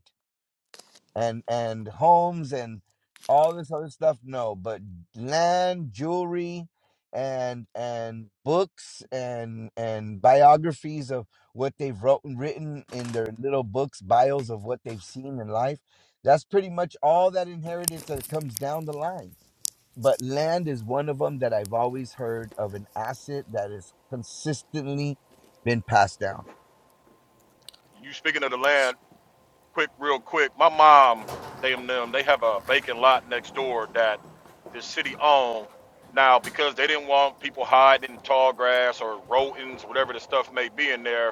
S7: and and homes and all this other stuff no but land jewelry and and books and and biographies of what they've wrote, written in their little books bios of what they've seen in life that's pretty much all that inheritance that comes down the line but land is one of them that I've always heard of an asset that has consistently been passed down.
S2: You speaking of the land, quick, real quick. My mom, they and them, they have a vacant lot next door that the city owned. Now, because they didn't want people hiding in tall grass or rodents, whatever the stuff may be in there,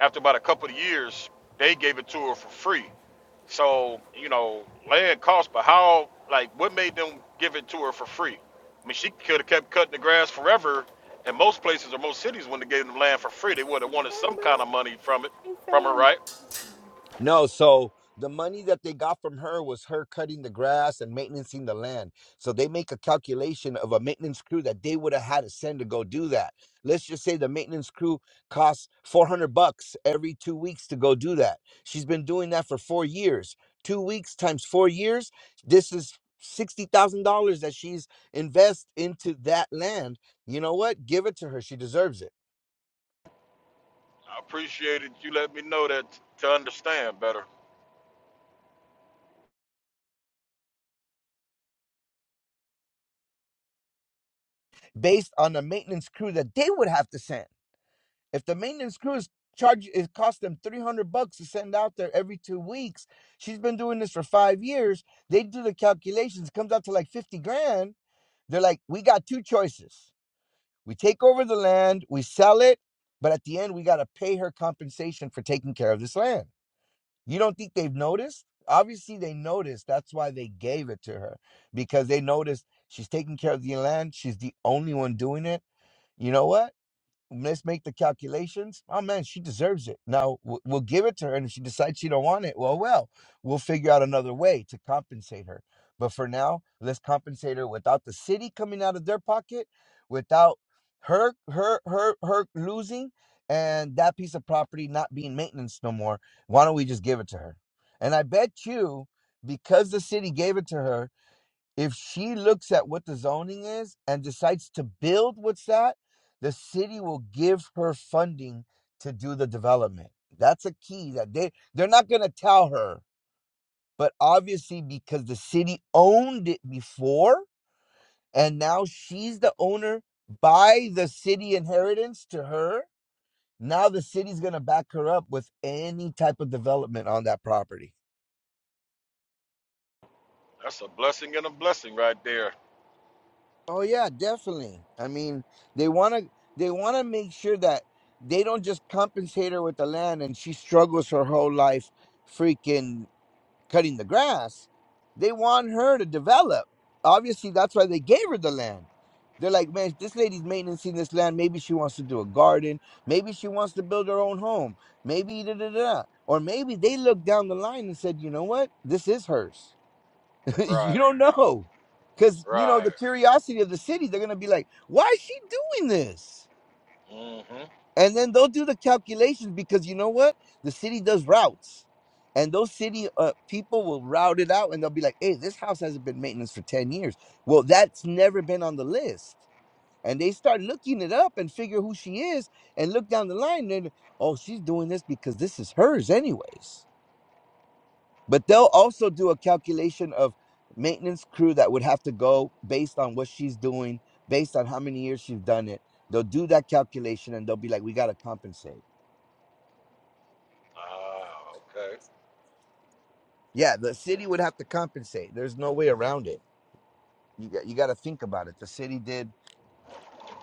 S2: after about a couple of years, they gave it to her for free. So, you know, land cost, but how, like, what made them give it to her for free? I mean, she could have kept cutting the grass forever. And most places or most cities, when they gave them land for free, they would have wanted some kind of money from it,
S1: you
S2: from her,
S1: feeling?
S2: right?
S7: No, so the money that they got from her was her cutting the grass and maintaining the land. So they make a calculation of a maintenance crew that they would have had to send to go do that. Let's just say the maintenance crew costs 400 bucks every 2 weeks to go do that. She's been doing that for 4 years. 2 weeks times 4 years, this is $60,000 that she's invest into that land. You know what? Give it to her. She deserves it.
S2: I appreciated you let me know that to understand better.
S7: Based on the maintenance crew that they would have to send. If the maintenance crews charge it costs them 300 bucks to send out there every 2 weeks. She's been doing this for 5 years. They do the calculations, it comes out to like 50 grand. They're like, "We got two choices. We take over the land, we sell it, but at the end we got to pay her compensation for taking care of this land." You don't think they've noticed? Obviously they noticed. That's why they gave it to her because they noticed she's taking care of the land. She's the only one doing it. You know what? let's make the calculations. Oh man, she deserves it. Now we'll, we'll give it to her, and if she decides she don't want it, well, well, we'll figure out another way to compensate her. But for now, let's compensate her without the city coming out of their pocket, without her her her her losing, and that piece of property not being maintenance no more. Why don't we just give it to her? And I bet you, because the city gave it to her if she looks at what the zoning is and decides to build what's that, the city will give her funding to do the development. That's a key that they they're not going to tell her, but obviously because the city owned it before and now she's the owner by the city inheritance to her, now the city's going to back her up with any type of development on that property.
S2: That's a blessing and a blessing right there.
S7: Oh yeah, definitely. I mean, they want to they want to make sure that they don't just compensate her with the land and she struggles her whole life freaking cutting the grass. They want her to develop. Obviously, that's why they gave her the land. They're like, man, this lady's maintaining this land. Maybe she wants to do a garden. Maybe she wants to build her own home. Maybe da da da. Or maybe they looked down the line and said, you know what? This is hers <laughs> you
S2: Right,
S7: don't know. Because, you know,
S2: right.
S7: the curiosity of the city, they're going to be like, why is she doing this?
S2: Mm-hmm.
S7: And then they'll do the calculations because you know what? The city does routes. And those city uh, people will route it out and they'll be like, hey, this house hasn't been maintenance for 10 years. Well, that's never been on the list. And they start looking it up and figure who she is and look down the line and, oh, she's doing this because this is hers, anyways. But they'll also do a calculation of maintenance crew that would have to go based on what she's doing, based on how many years she's done it. They'll do that calculation and they'll be like, we got to compensate.
S2: Ah, okay.
S7: Yeah, the city would have to compensate. There's no way around it. You got, you got to think about it. The city did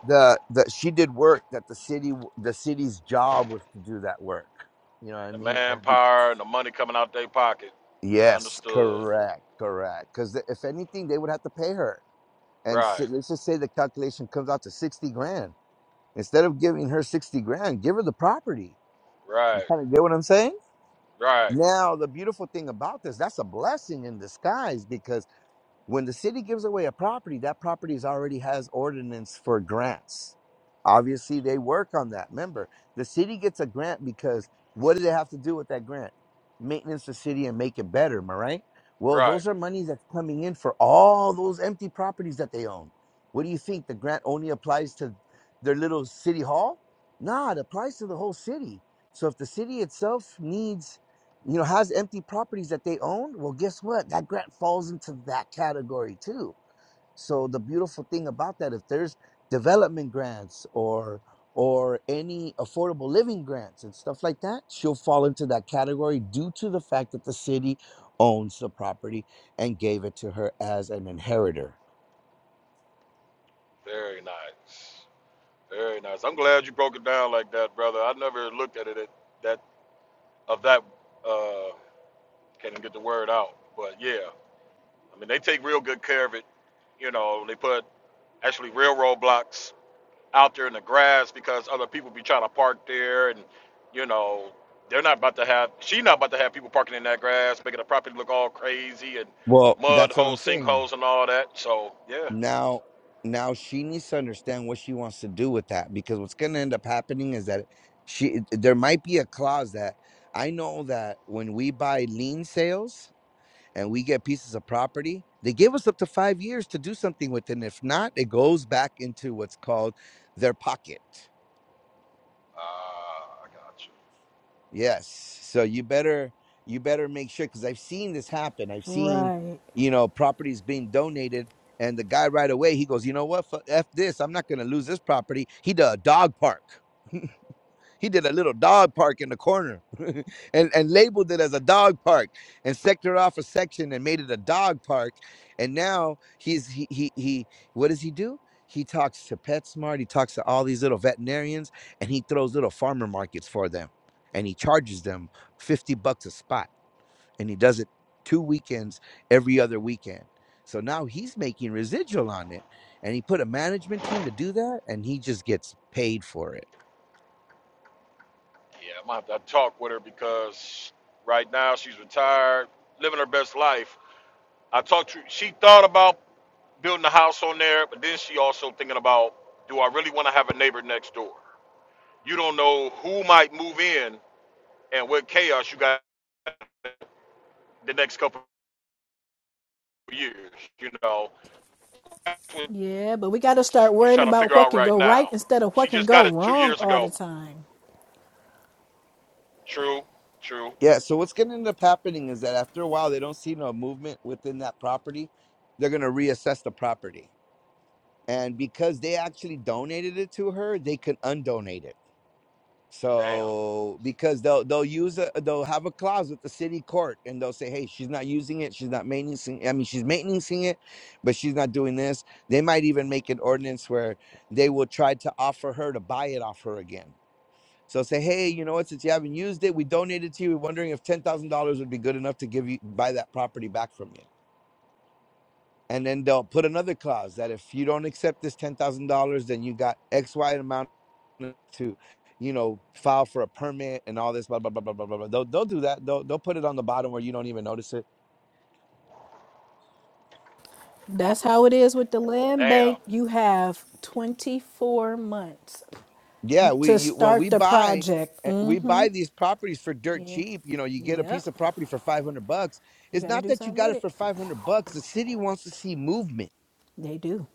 S7: the, the she did work that the city w- the city's job was to do that work. You know what I
S2: The
S7: mean? And be-
S2: manpower and the money coming out their pocket.
S7: yes,
S2: Understood.
S7: correct, correct. Because if anything, they would have to pay her. And
S2: Right,
S7: so, let's just say the calculation comes out to sixty grand Instead of giving her 60 grand, give her the property. You
S2: right,
S7: kind of get what I'm saying?
S2: right,
S7: Now, the beautiful thing about this, that's a blessing in disguise because when the city gives away a property, that property is already has ordinance for grants. Obviously, they work on that. Remember, the city gets a grant because what do they have to do with that grant? Maintenance the city and make it better, am I right? Well,
S2: right.
S7: those are monies that's coming in for all those empty properties that they own. What do you think? The grant only applies to their little city hall? Nah, it applies to the whole city. So if the city itself needs you know, has empty properties that they own? Well, guess what? That grant falls into that category too. So the beautiful thing about that, if there's development grants or or any affordable living grants and stuff like that, she'll fall into that category due to the fact that the city owns the property and gave it to her as an inheritor.
S2: Very nice. Very nice. I'm glad you broke it down like that, brother. I never looked at it at that of that uh can't even get the word out. But yeah. I mean they take real good care of it. You know, they put actually railroad blocks out there in the grass because other people be trying to park there and you know, they're not about to have she not about to have people parking in that grass, making the property look all crazy and
S7: Well,
S2: mud
S7: that's what I'm
S2: holes,
S7: saying.
S2: sinkholes and all that. So yeah.
S7: Now, now she needs to understand what she wants to do with that because what's going to end up happening is that she there might be a clause that I know that when we buy lien sales and we get pieces of property, they give us up to 5 years to do something with it and if not, it goes back into what's called their pocket.
S2: Uh, I got you.
S7: Yes. So you better you better make sure because I've seen this happen. I've seen you know properties being donated, and the guy right away he goes, you know what, F, F this, I'm not going to lose this property. He did a dog park. <laughs> He did a little dog park in the corner <laughs> and, and labeled it as a dog park and sectored off a section and made it a dog park. And now he's he he he what does he do? He talks to PetSmart, he talks to all these little veterinarians, and he throws little farmer markets for them. And he charges them 50 bucks a spot. And he does it two weekends every other weekend. So now he's making residual on it. And he put a management team to do that, and he just gets paid for it
S2: Yeah, I'm gonna have to talk with her because right now she's retired, living her best life. I talked to she thought about building a house on there, but then she also thinking about do I really want to have a neighbor next door? You don't know who might move in and what chaos you got the next couple of years, you know. That's what she's trying to figure out right now. She just got it two years ago. True, true.
S7: Yeah, so what's going to end up happening is that after a while, they don't see no movement within that property. They're going to reassess the property. And because they actually donated it to her, they can undonate it.
S2: Damn.
S7: So because they'll they'll use a they'll have a clause with the city court and they'll say, hey, she's not using it, she's not maintaining. I mean, she's maintaining it, but she's not doing this. They might even make an ordinance where they will try to offer her to buy it off her again so say, hey, you know what? Since you haven't used it, we donated to you. We're wondering if ten thousand dollars would be good enough to give you buy that property back from you. And then they'll put another clause that if you don't accept this ten thousand dollars, then you got X Y amount to, you know, file for a permit and all this blah blah blah blah blah blah. blah. They'll they'll do that. They'll they'll put it on the bottom where you don't even notice it.
S1: That's how it is with the land
S2: Damn.
S1: bank. You have 24 months you-
S7: Yeah, we
S1: to
S7: you, when we
S1: start the
S7: buy
S1: project.
S7: eh,
S1: Mm,
S7: we buy these properties for dirt
S1: Yeah.
S7: cheap. You know, you get a piece
S1: Yep.
S7: of property for five hundred bucks.
S1: You
S7: It's
S1: got to
S7: not
S1: do
S7: that you
S1: something
S7: got
S1: with
S7: it
S1: it.
S7: for five hundred bucks. The city wants to see movement
S1: They do.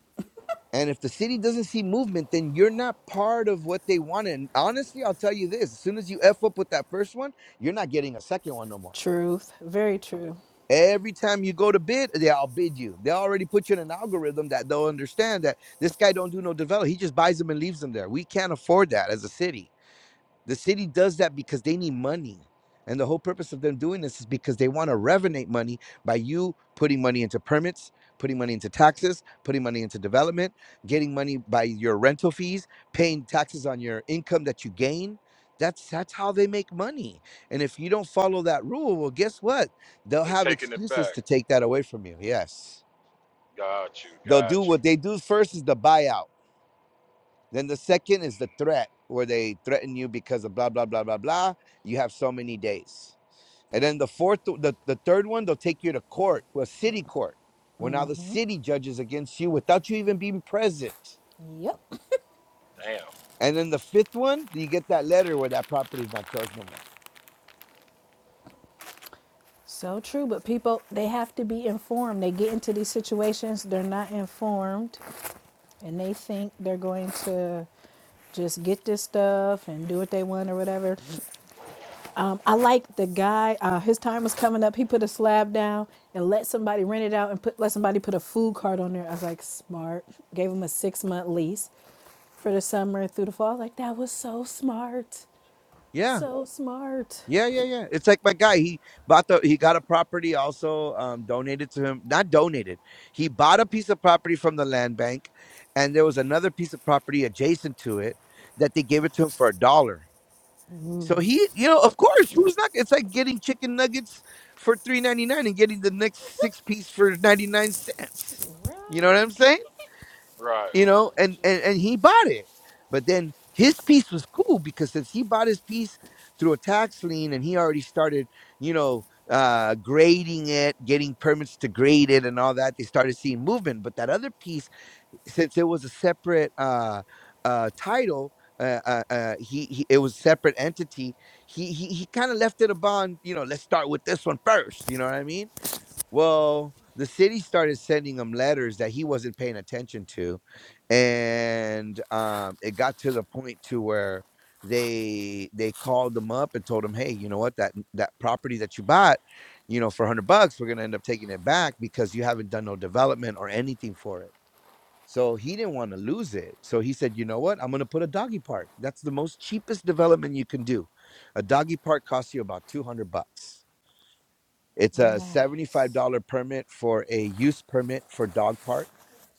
S7: And if the city doesn't see movement, then you're not part of what they want. And honestly, I'll tell you this as soon as you F up with that first one, you're not getting a second one no more.
S1: Truth. Very true.
S7: Every time you go to bid, they will bid you. They already put you in an algorithm that they'll understand that this guy don't do no develop. He just buys them and leaves them there. We can't afford that as a city. The city does that because they need money. And the whole purpose of them doing this is because they want to revenate money by you putting money into permits, putting money into taxes, putting money into development, getting money by your rental fees, paying taxes on your income that you gain. That's that's how they make money. And if you don't follow that rule, well, guess what? They'll
S2: They
S7: have
S2: taking it
S7: excuses
S2: back.
S7: to take that away from you. Yes.
S2: Got you,
S7: They'll do
S2: got you.
S7: what they do first is the buyout then the second is the threat, where they threaten you because of blah blah blah blah blah. You have so many days. And then the fourth, the, the third one, they'll take you to court, a city court, where now the city judges against you without you even being present.
S1: Yep.
S2: Damn.
S7: And then the fifth one, you get that letter where that property is not yours no more.
S1: So true. But people, they have to be informed. They get into these situations, they're not informed. and they think they're going to just get this stuff and do what they want or whatever. Um, I like the guy. Uh, his time was coming up. He put a slab down and let somebody rent it out and put let somebody put a food cart on there. I was like, smart. Gave him a six month lease for the summer through the fall. I was like, that was so smart,
S7: Yeah.
S1: so smart.
S7: Yeah, yeah, yeah. It's like my guy. He bought the he got a property also um donated to him. Not donated. He bought a piece of property from the land bank and there was another piece of property adjacent to it that they gave it to him for a dollar. So he, you know, of course, who's not it's like getting chicken nuggets for three ninety nine and getting the next six piece for ninety nine cents. You know what I'm saying?
S2: Right.
S7: you know, and, and and he bought it. But then his piece was cool because since he bought his piece through a tax lien and he already started, you know, uh, grading it, getting permits to grade it, and all that, they started seeing movement. But that other piece, since it was a separate uh, uh, title. Uh, uh, uh, he, he it was separate entity. He he, he kind of left it a bond. You know, let's start with this one first. You know what I mean? Well, the city started sending him letters that he wasn't paying attention to, and, um, it got to the point to where they they called him up and told him, "Hey, you know what? That that property that you bought, you know, for 100 bucks, we're gonna end up taking it back because you haven't done no development or anything for it." So he didn't want to lose it. So he said, "You know what? I'm gonna put a doggy park. That's the most cheapest development you can do. A doggy park costs you about 200 bucks." It's a $75
S1: Nice.
S7: permit for a use permit for dog park.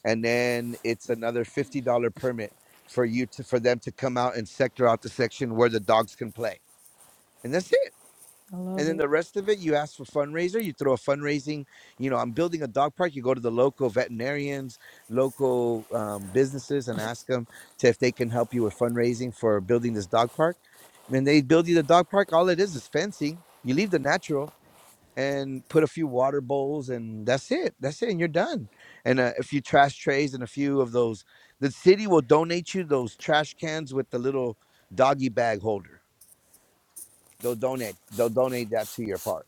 S7: And then it's another $50 permit for you to for them to come out and sector out the section where the dogs can play. And that's it.
S1: I
S7: And
S1: love
S7: then
S1: it.
S7: the rest of it, you ask for fundraiser, you throw a fundraising, you know, I'm building a dog park. You go to the local veterinarians, local um, businesses and ask them to if they can help you with fundraising for building this dog park. When they build you the dog park, all it is is fencing. You leave the natural and put a few water bowls and that's it that's it and you're done and uh, a few trash trays and a few of those the city will donate you those trash cans with the little doggy bag holder they'll donate they'll donate that to your park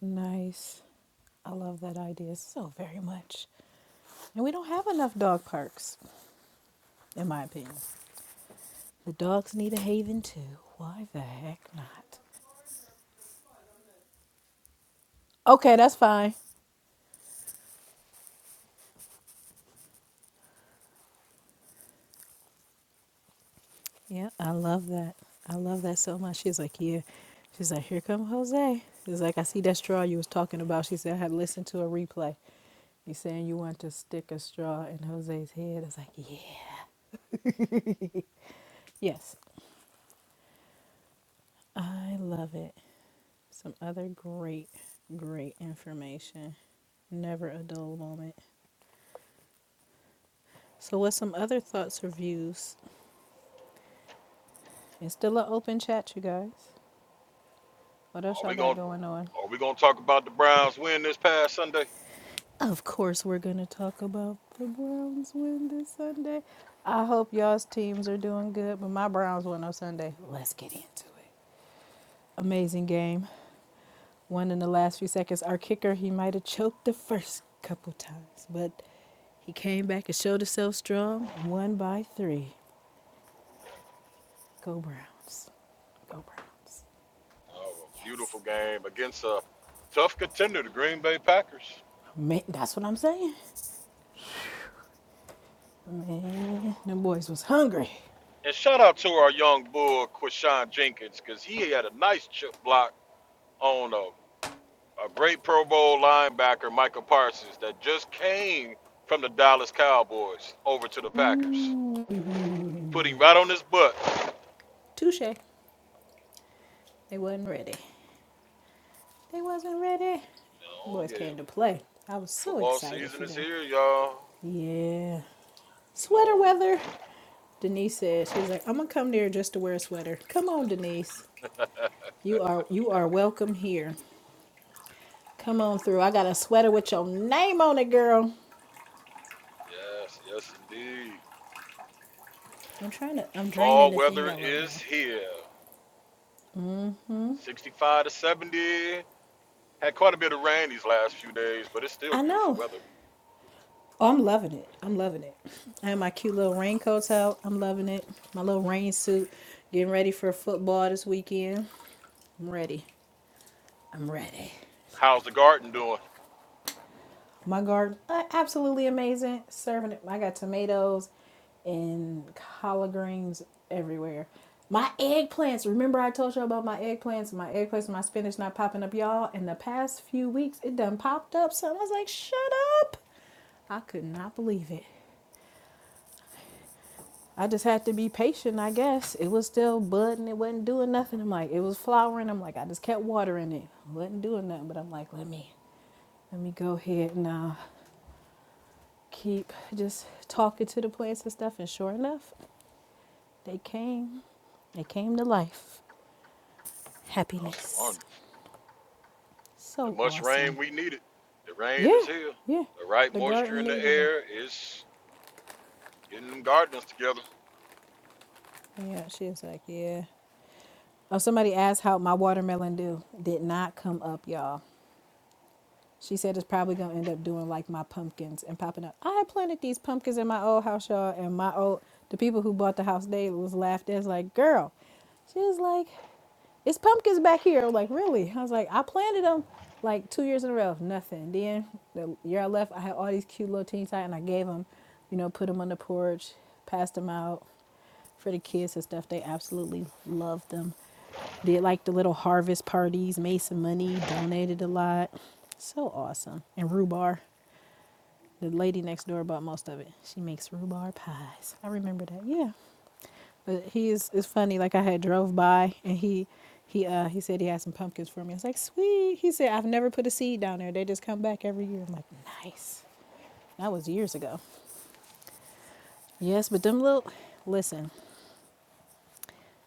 S1: Nice. I love that idea so very much. And we don't have enough dog parks, in my opinion. The dogs need a haven too. Why the heck not? Okay, that's fine. Yeah, I love that. I love that so much. She's like, yeah. She's like, here come Jose. She's like, I see that straw you was talking about. She said, I had listened to a replay. You saying you want to stick a straw in Jose's head? I was like, yeah. <laughs> yes, I love it. Some other great, great information. Never a dull moment. So, what's some other thoughts or views? It's still an open chat, you guys. What else
S2: Are
S1: y'all
S2: we
S1: got
S2: gonna
S1: going on?
S2: Are we gonna talk about the Browns win this past Sunday?
S1: Of course, we're going to talk about the Browns win this Sunday. I hope y'all's teams are doing good, but my Browns won on Sunday. Let's get into it. Amazing game. Won in the last few seconds. Our kicker, he might have choked the first couple times, but he came back and showed himself strong. Won by three. Go Browns. Go Browns.
S2: Oh, a beautiful
S1: Yes.
S2: game against a tough contender, the Green Bay Packers.
S1: Man, that's what I'm saying. Man, them boys was hungry.
S2: And shout out to our young bull Quashawn Jenkins because he had a nice chip block on a, a great Pro Bowl linebacker, Michael Parsons, that just came from the Dallas Cowboys over to the Packers, putting right on his butt.
S1: Touche. They wasn't ready. They wasn't ready.
S2: Oh
S1: boys
S2: yeah,
S1: came to play. I was so
S2: football
S1: excited
S2: season
S1: for
S2: is
S1: them.
S2: here, y'all.
S1: Yeah.
S2: You
S1: Sweater
S2: know.
S1: weather. Denise said she's like, I'm gonna come there just to wear a sweater. Come on, Denise.
S2: <laughs>
S1: You are you are welcome here. Come on through. I got a sweater with your name on it, girl.
S2: yes, yes indeed.
S1: I'm trying to I'm draining
S2: Fall
S1: the thing
S2: weather
S1: out right
S2: is
S1: now.
S2: here. 65 to 70. Had quite a bit of rain these last few days, but it's still
S1: I
S2: beautiful
S1: know.
S2: weather.
S1: Oh, I'm loving it. I'm loving it. I have my cute little raincoats out. I'm loving it. My little rain suit. Getting ready for football this weekend. I'm ready. I'm ready.
S2: How's the garden doing?
S1: My garden, uh, absolutely amazing. Serving it. I got tomatoes and collard greens everywhere. My eggplants. Remember I told you about my eggplants? My eggplants, my spinach not popping up, y'all. In the past few weeks, it done popped up. So I was like, shut up. I could not believe it. I just had to be patient, I guess. It was still budding. It wasn't doing nothing. I'm like, it was flowering. I'm like, I just kept watering it. It Wasn't doing nothing. But I'm like, let me, let me go ahead and uh, keep just talking to the plants and stuff, and sure enough, they came. They came to life.
S2: That's
S1: Happiness.
S2: wonderful. The
S1: So
S2: much rain
S1: awesome.
S2: we needed. The
S1: Yeah,
S2: rain is here.
S1: yeah.
S2: The right
S1: The
S2: moisture
S1: garden
S2: in the
S1: needed it.
S2: air is getting them gardeners together.
S1: Yeah, she was like, yeah. Oh, somebody asked how my watermelon do. Did not come up, y'all. She said it's probably gonna end up doing like my pumpkins and popping up. I had planted these pumpkins in my old house, y'all, and my old the people who bought the house they was laughed at. It's like, girl, she was like, it's pumpkins back here. I'm like, really? I was like, I planted them like two years in a row, nothing. Then the year I left, I had all these cute little teeny tiny, and I gave them, you know, put them on the porch, passed them out for the kids and stuff. They absolutely loved them. Did like the little harvest parties, made some money, donated a lot. So awesome. And rhubarb. The lady next door bought most of it. She makes rhubarb pies. I remember that. Yeah. But he is it's funny. Like I had drove by and he he uh he said he had some pumpkins for me. I was like, sweet. He said I've never put a seed down there. They just come back every year. I'm like, nice. That was years ago. Yes, but them little listen,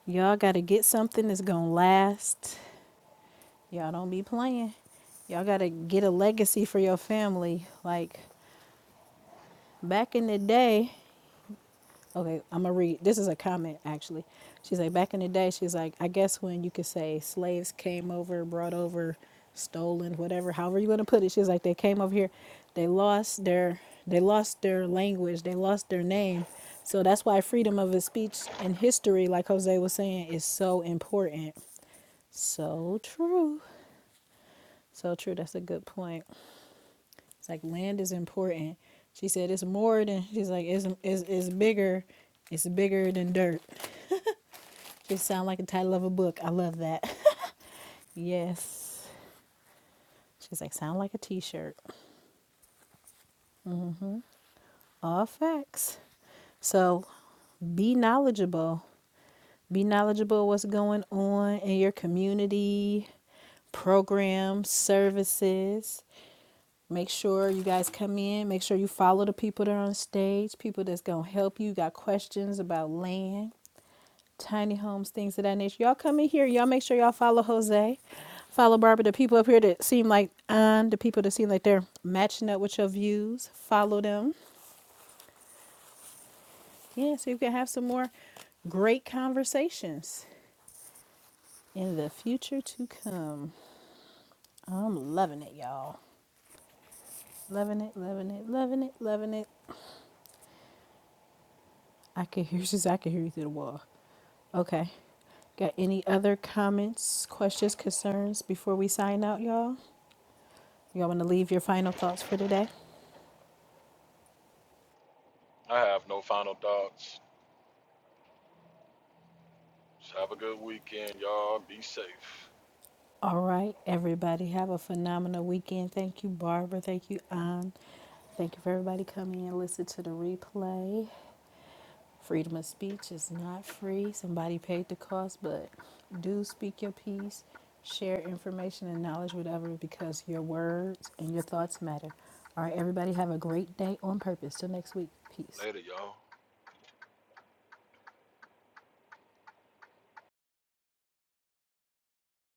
S1: y'all gotta get something that's gonna last. Y'all don't be playing. Y'all gotta get a legacy for your family. Like back in the day, Okay, I'm gonna read. This is a comment actually. She's like, back in the day, she's like, I guess when you could say slaves came over, brought over, stolen, whatever, however you wanna put it. She's like, they came over here, they lost their, they lost their language, they lost their name. So that's why freedom of speech in history, like Jose was saying, is so important. So true. So true. That's a good point. It's like land is important. She said it's more than she's like it's it's it's bigger. It's bigger than dirt. She sound like the title of a book. I love that. <laughs> yes. She's like, sound like a t-shirt. All facts. So be knowledgeable. Be knowledgeable of what's going on in your community, programs, services. Make sure you guys come in. Make sure you follow the people that are on stage, people that's gonna help you. Got questions about land, tiny homes, things of that nature. Y'all come in here. Y'all make sure y'all follow Jose, follow Barbara. The people up here that seem like on the people that seem like they're matching up with your views, follow them. Yeah, so you can have some more great conversations in the future to come. I'm loving it, y'all. Loving it, loving it, loving it, loving it. I can hear <laughs> she's. I can hear you through the wall. Okay. Got any other comments, questions, concerns before we sign out, y'all? Y'all want to leave your final thoughts for today?
S2: I have no final thoughts. Just have a good weekend, y'all. Be safe.
S1: All right, everybody, have a phenomenal weekend. Thank you, Barbara. Thank you, Ann. Thank you for everybody coming and listen to the replay. Freedom of speech is not free. Somebody paid the cost, but do speak your piece, share information and knowledge with others because your words and your thoughts matter. All right, everybody, have a great day on purpose. Till next week. Peace.
S2: Later, y'all.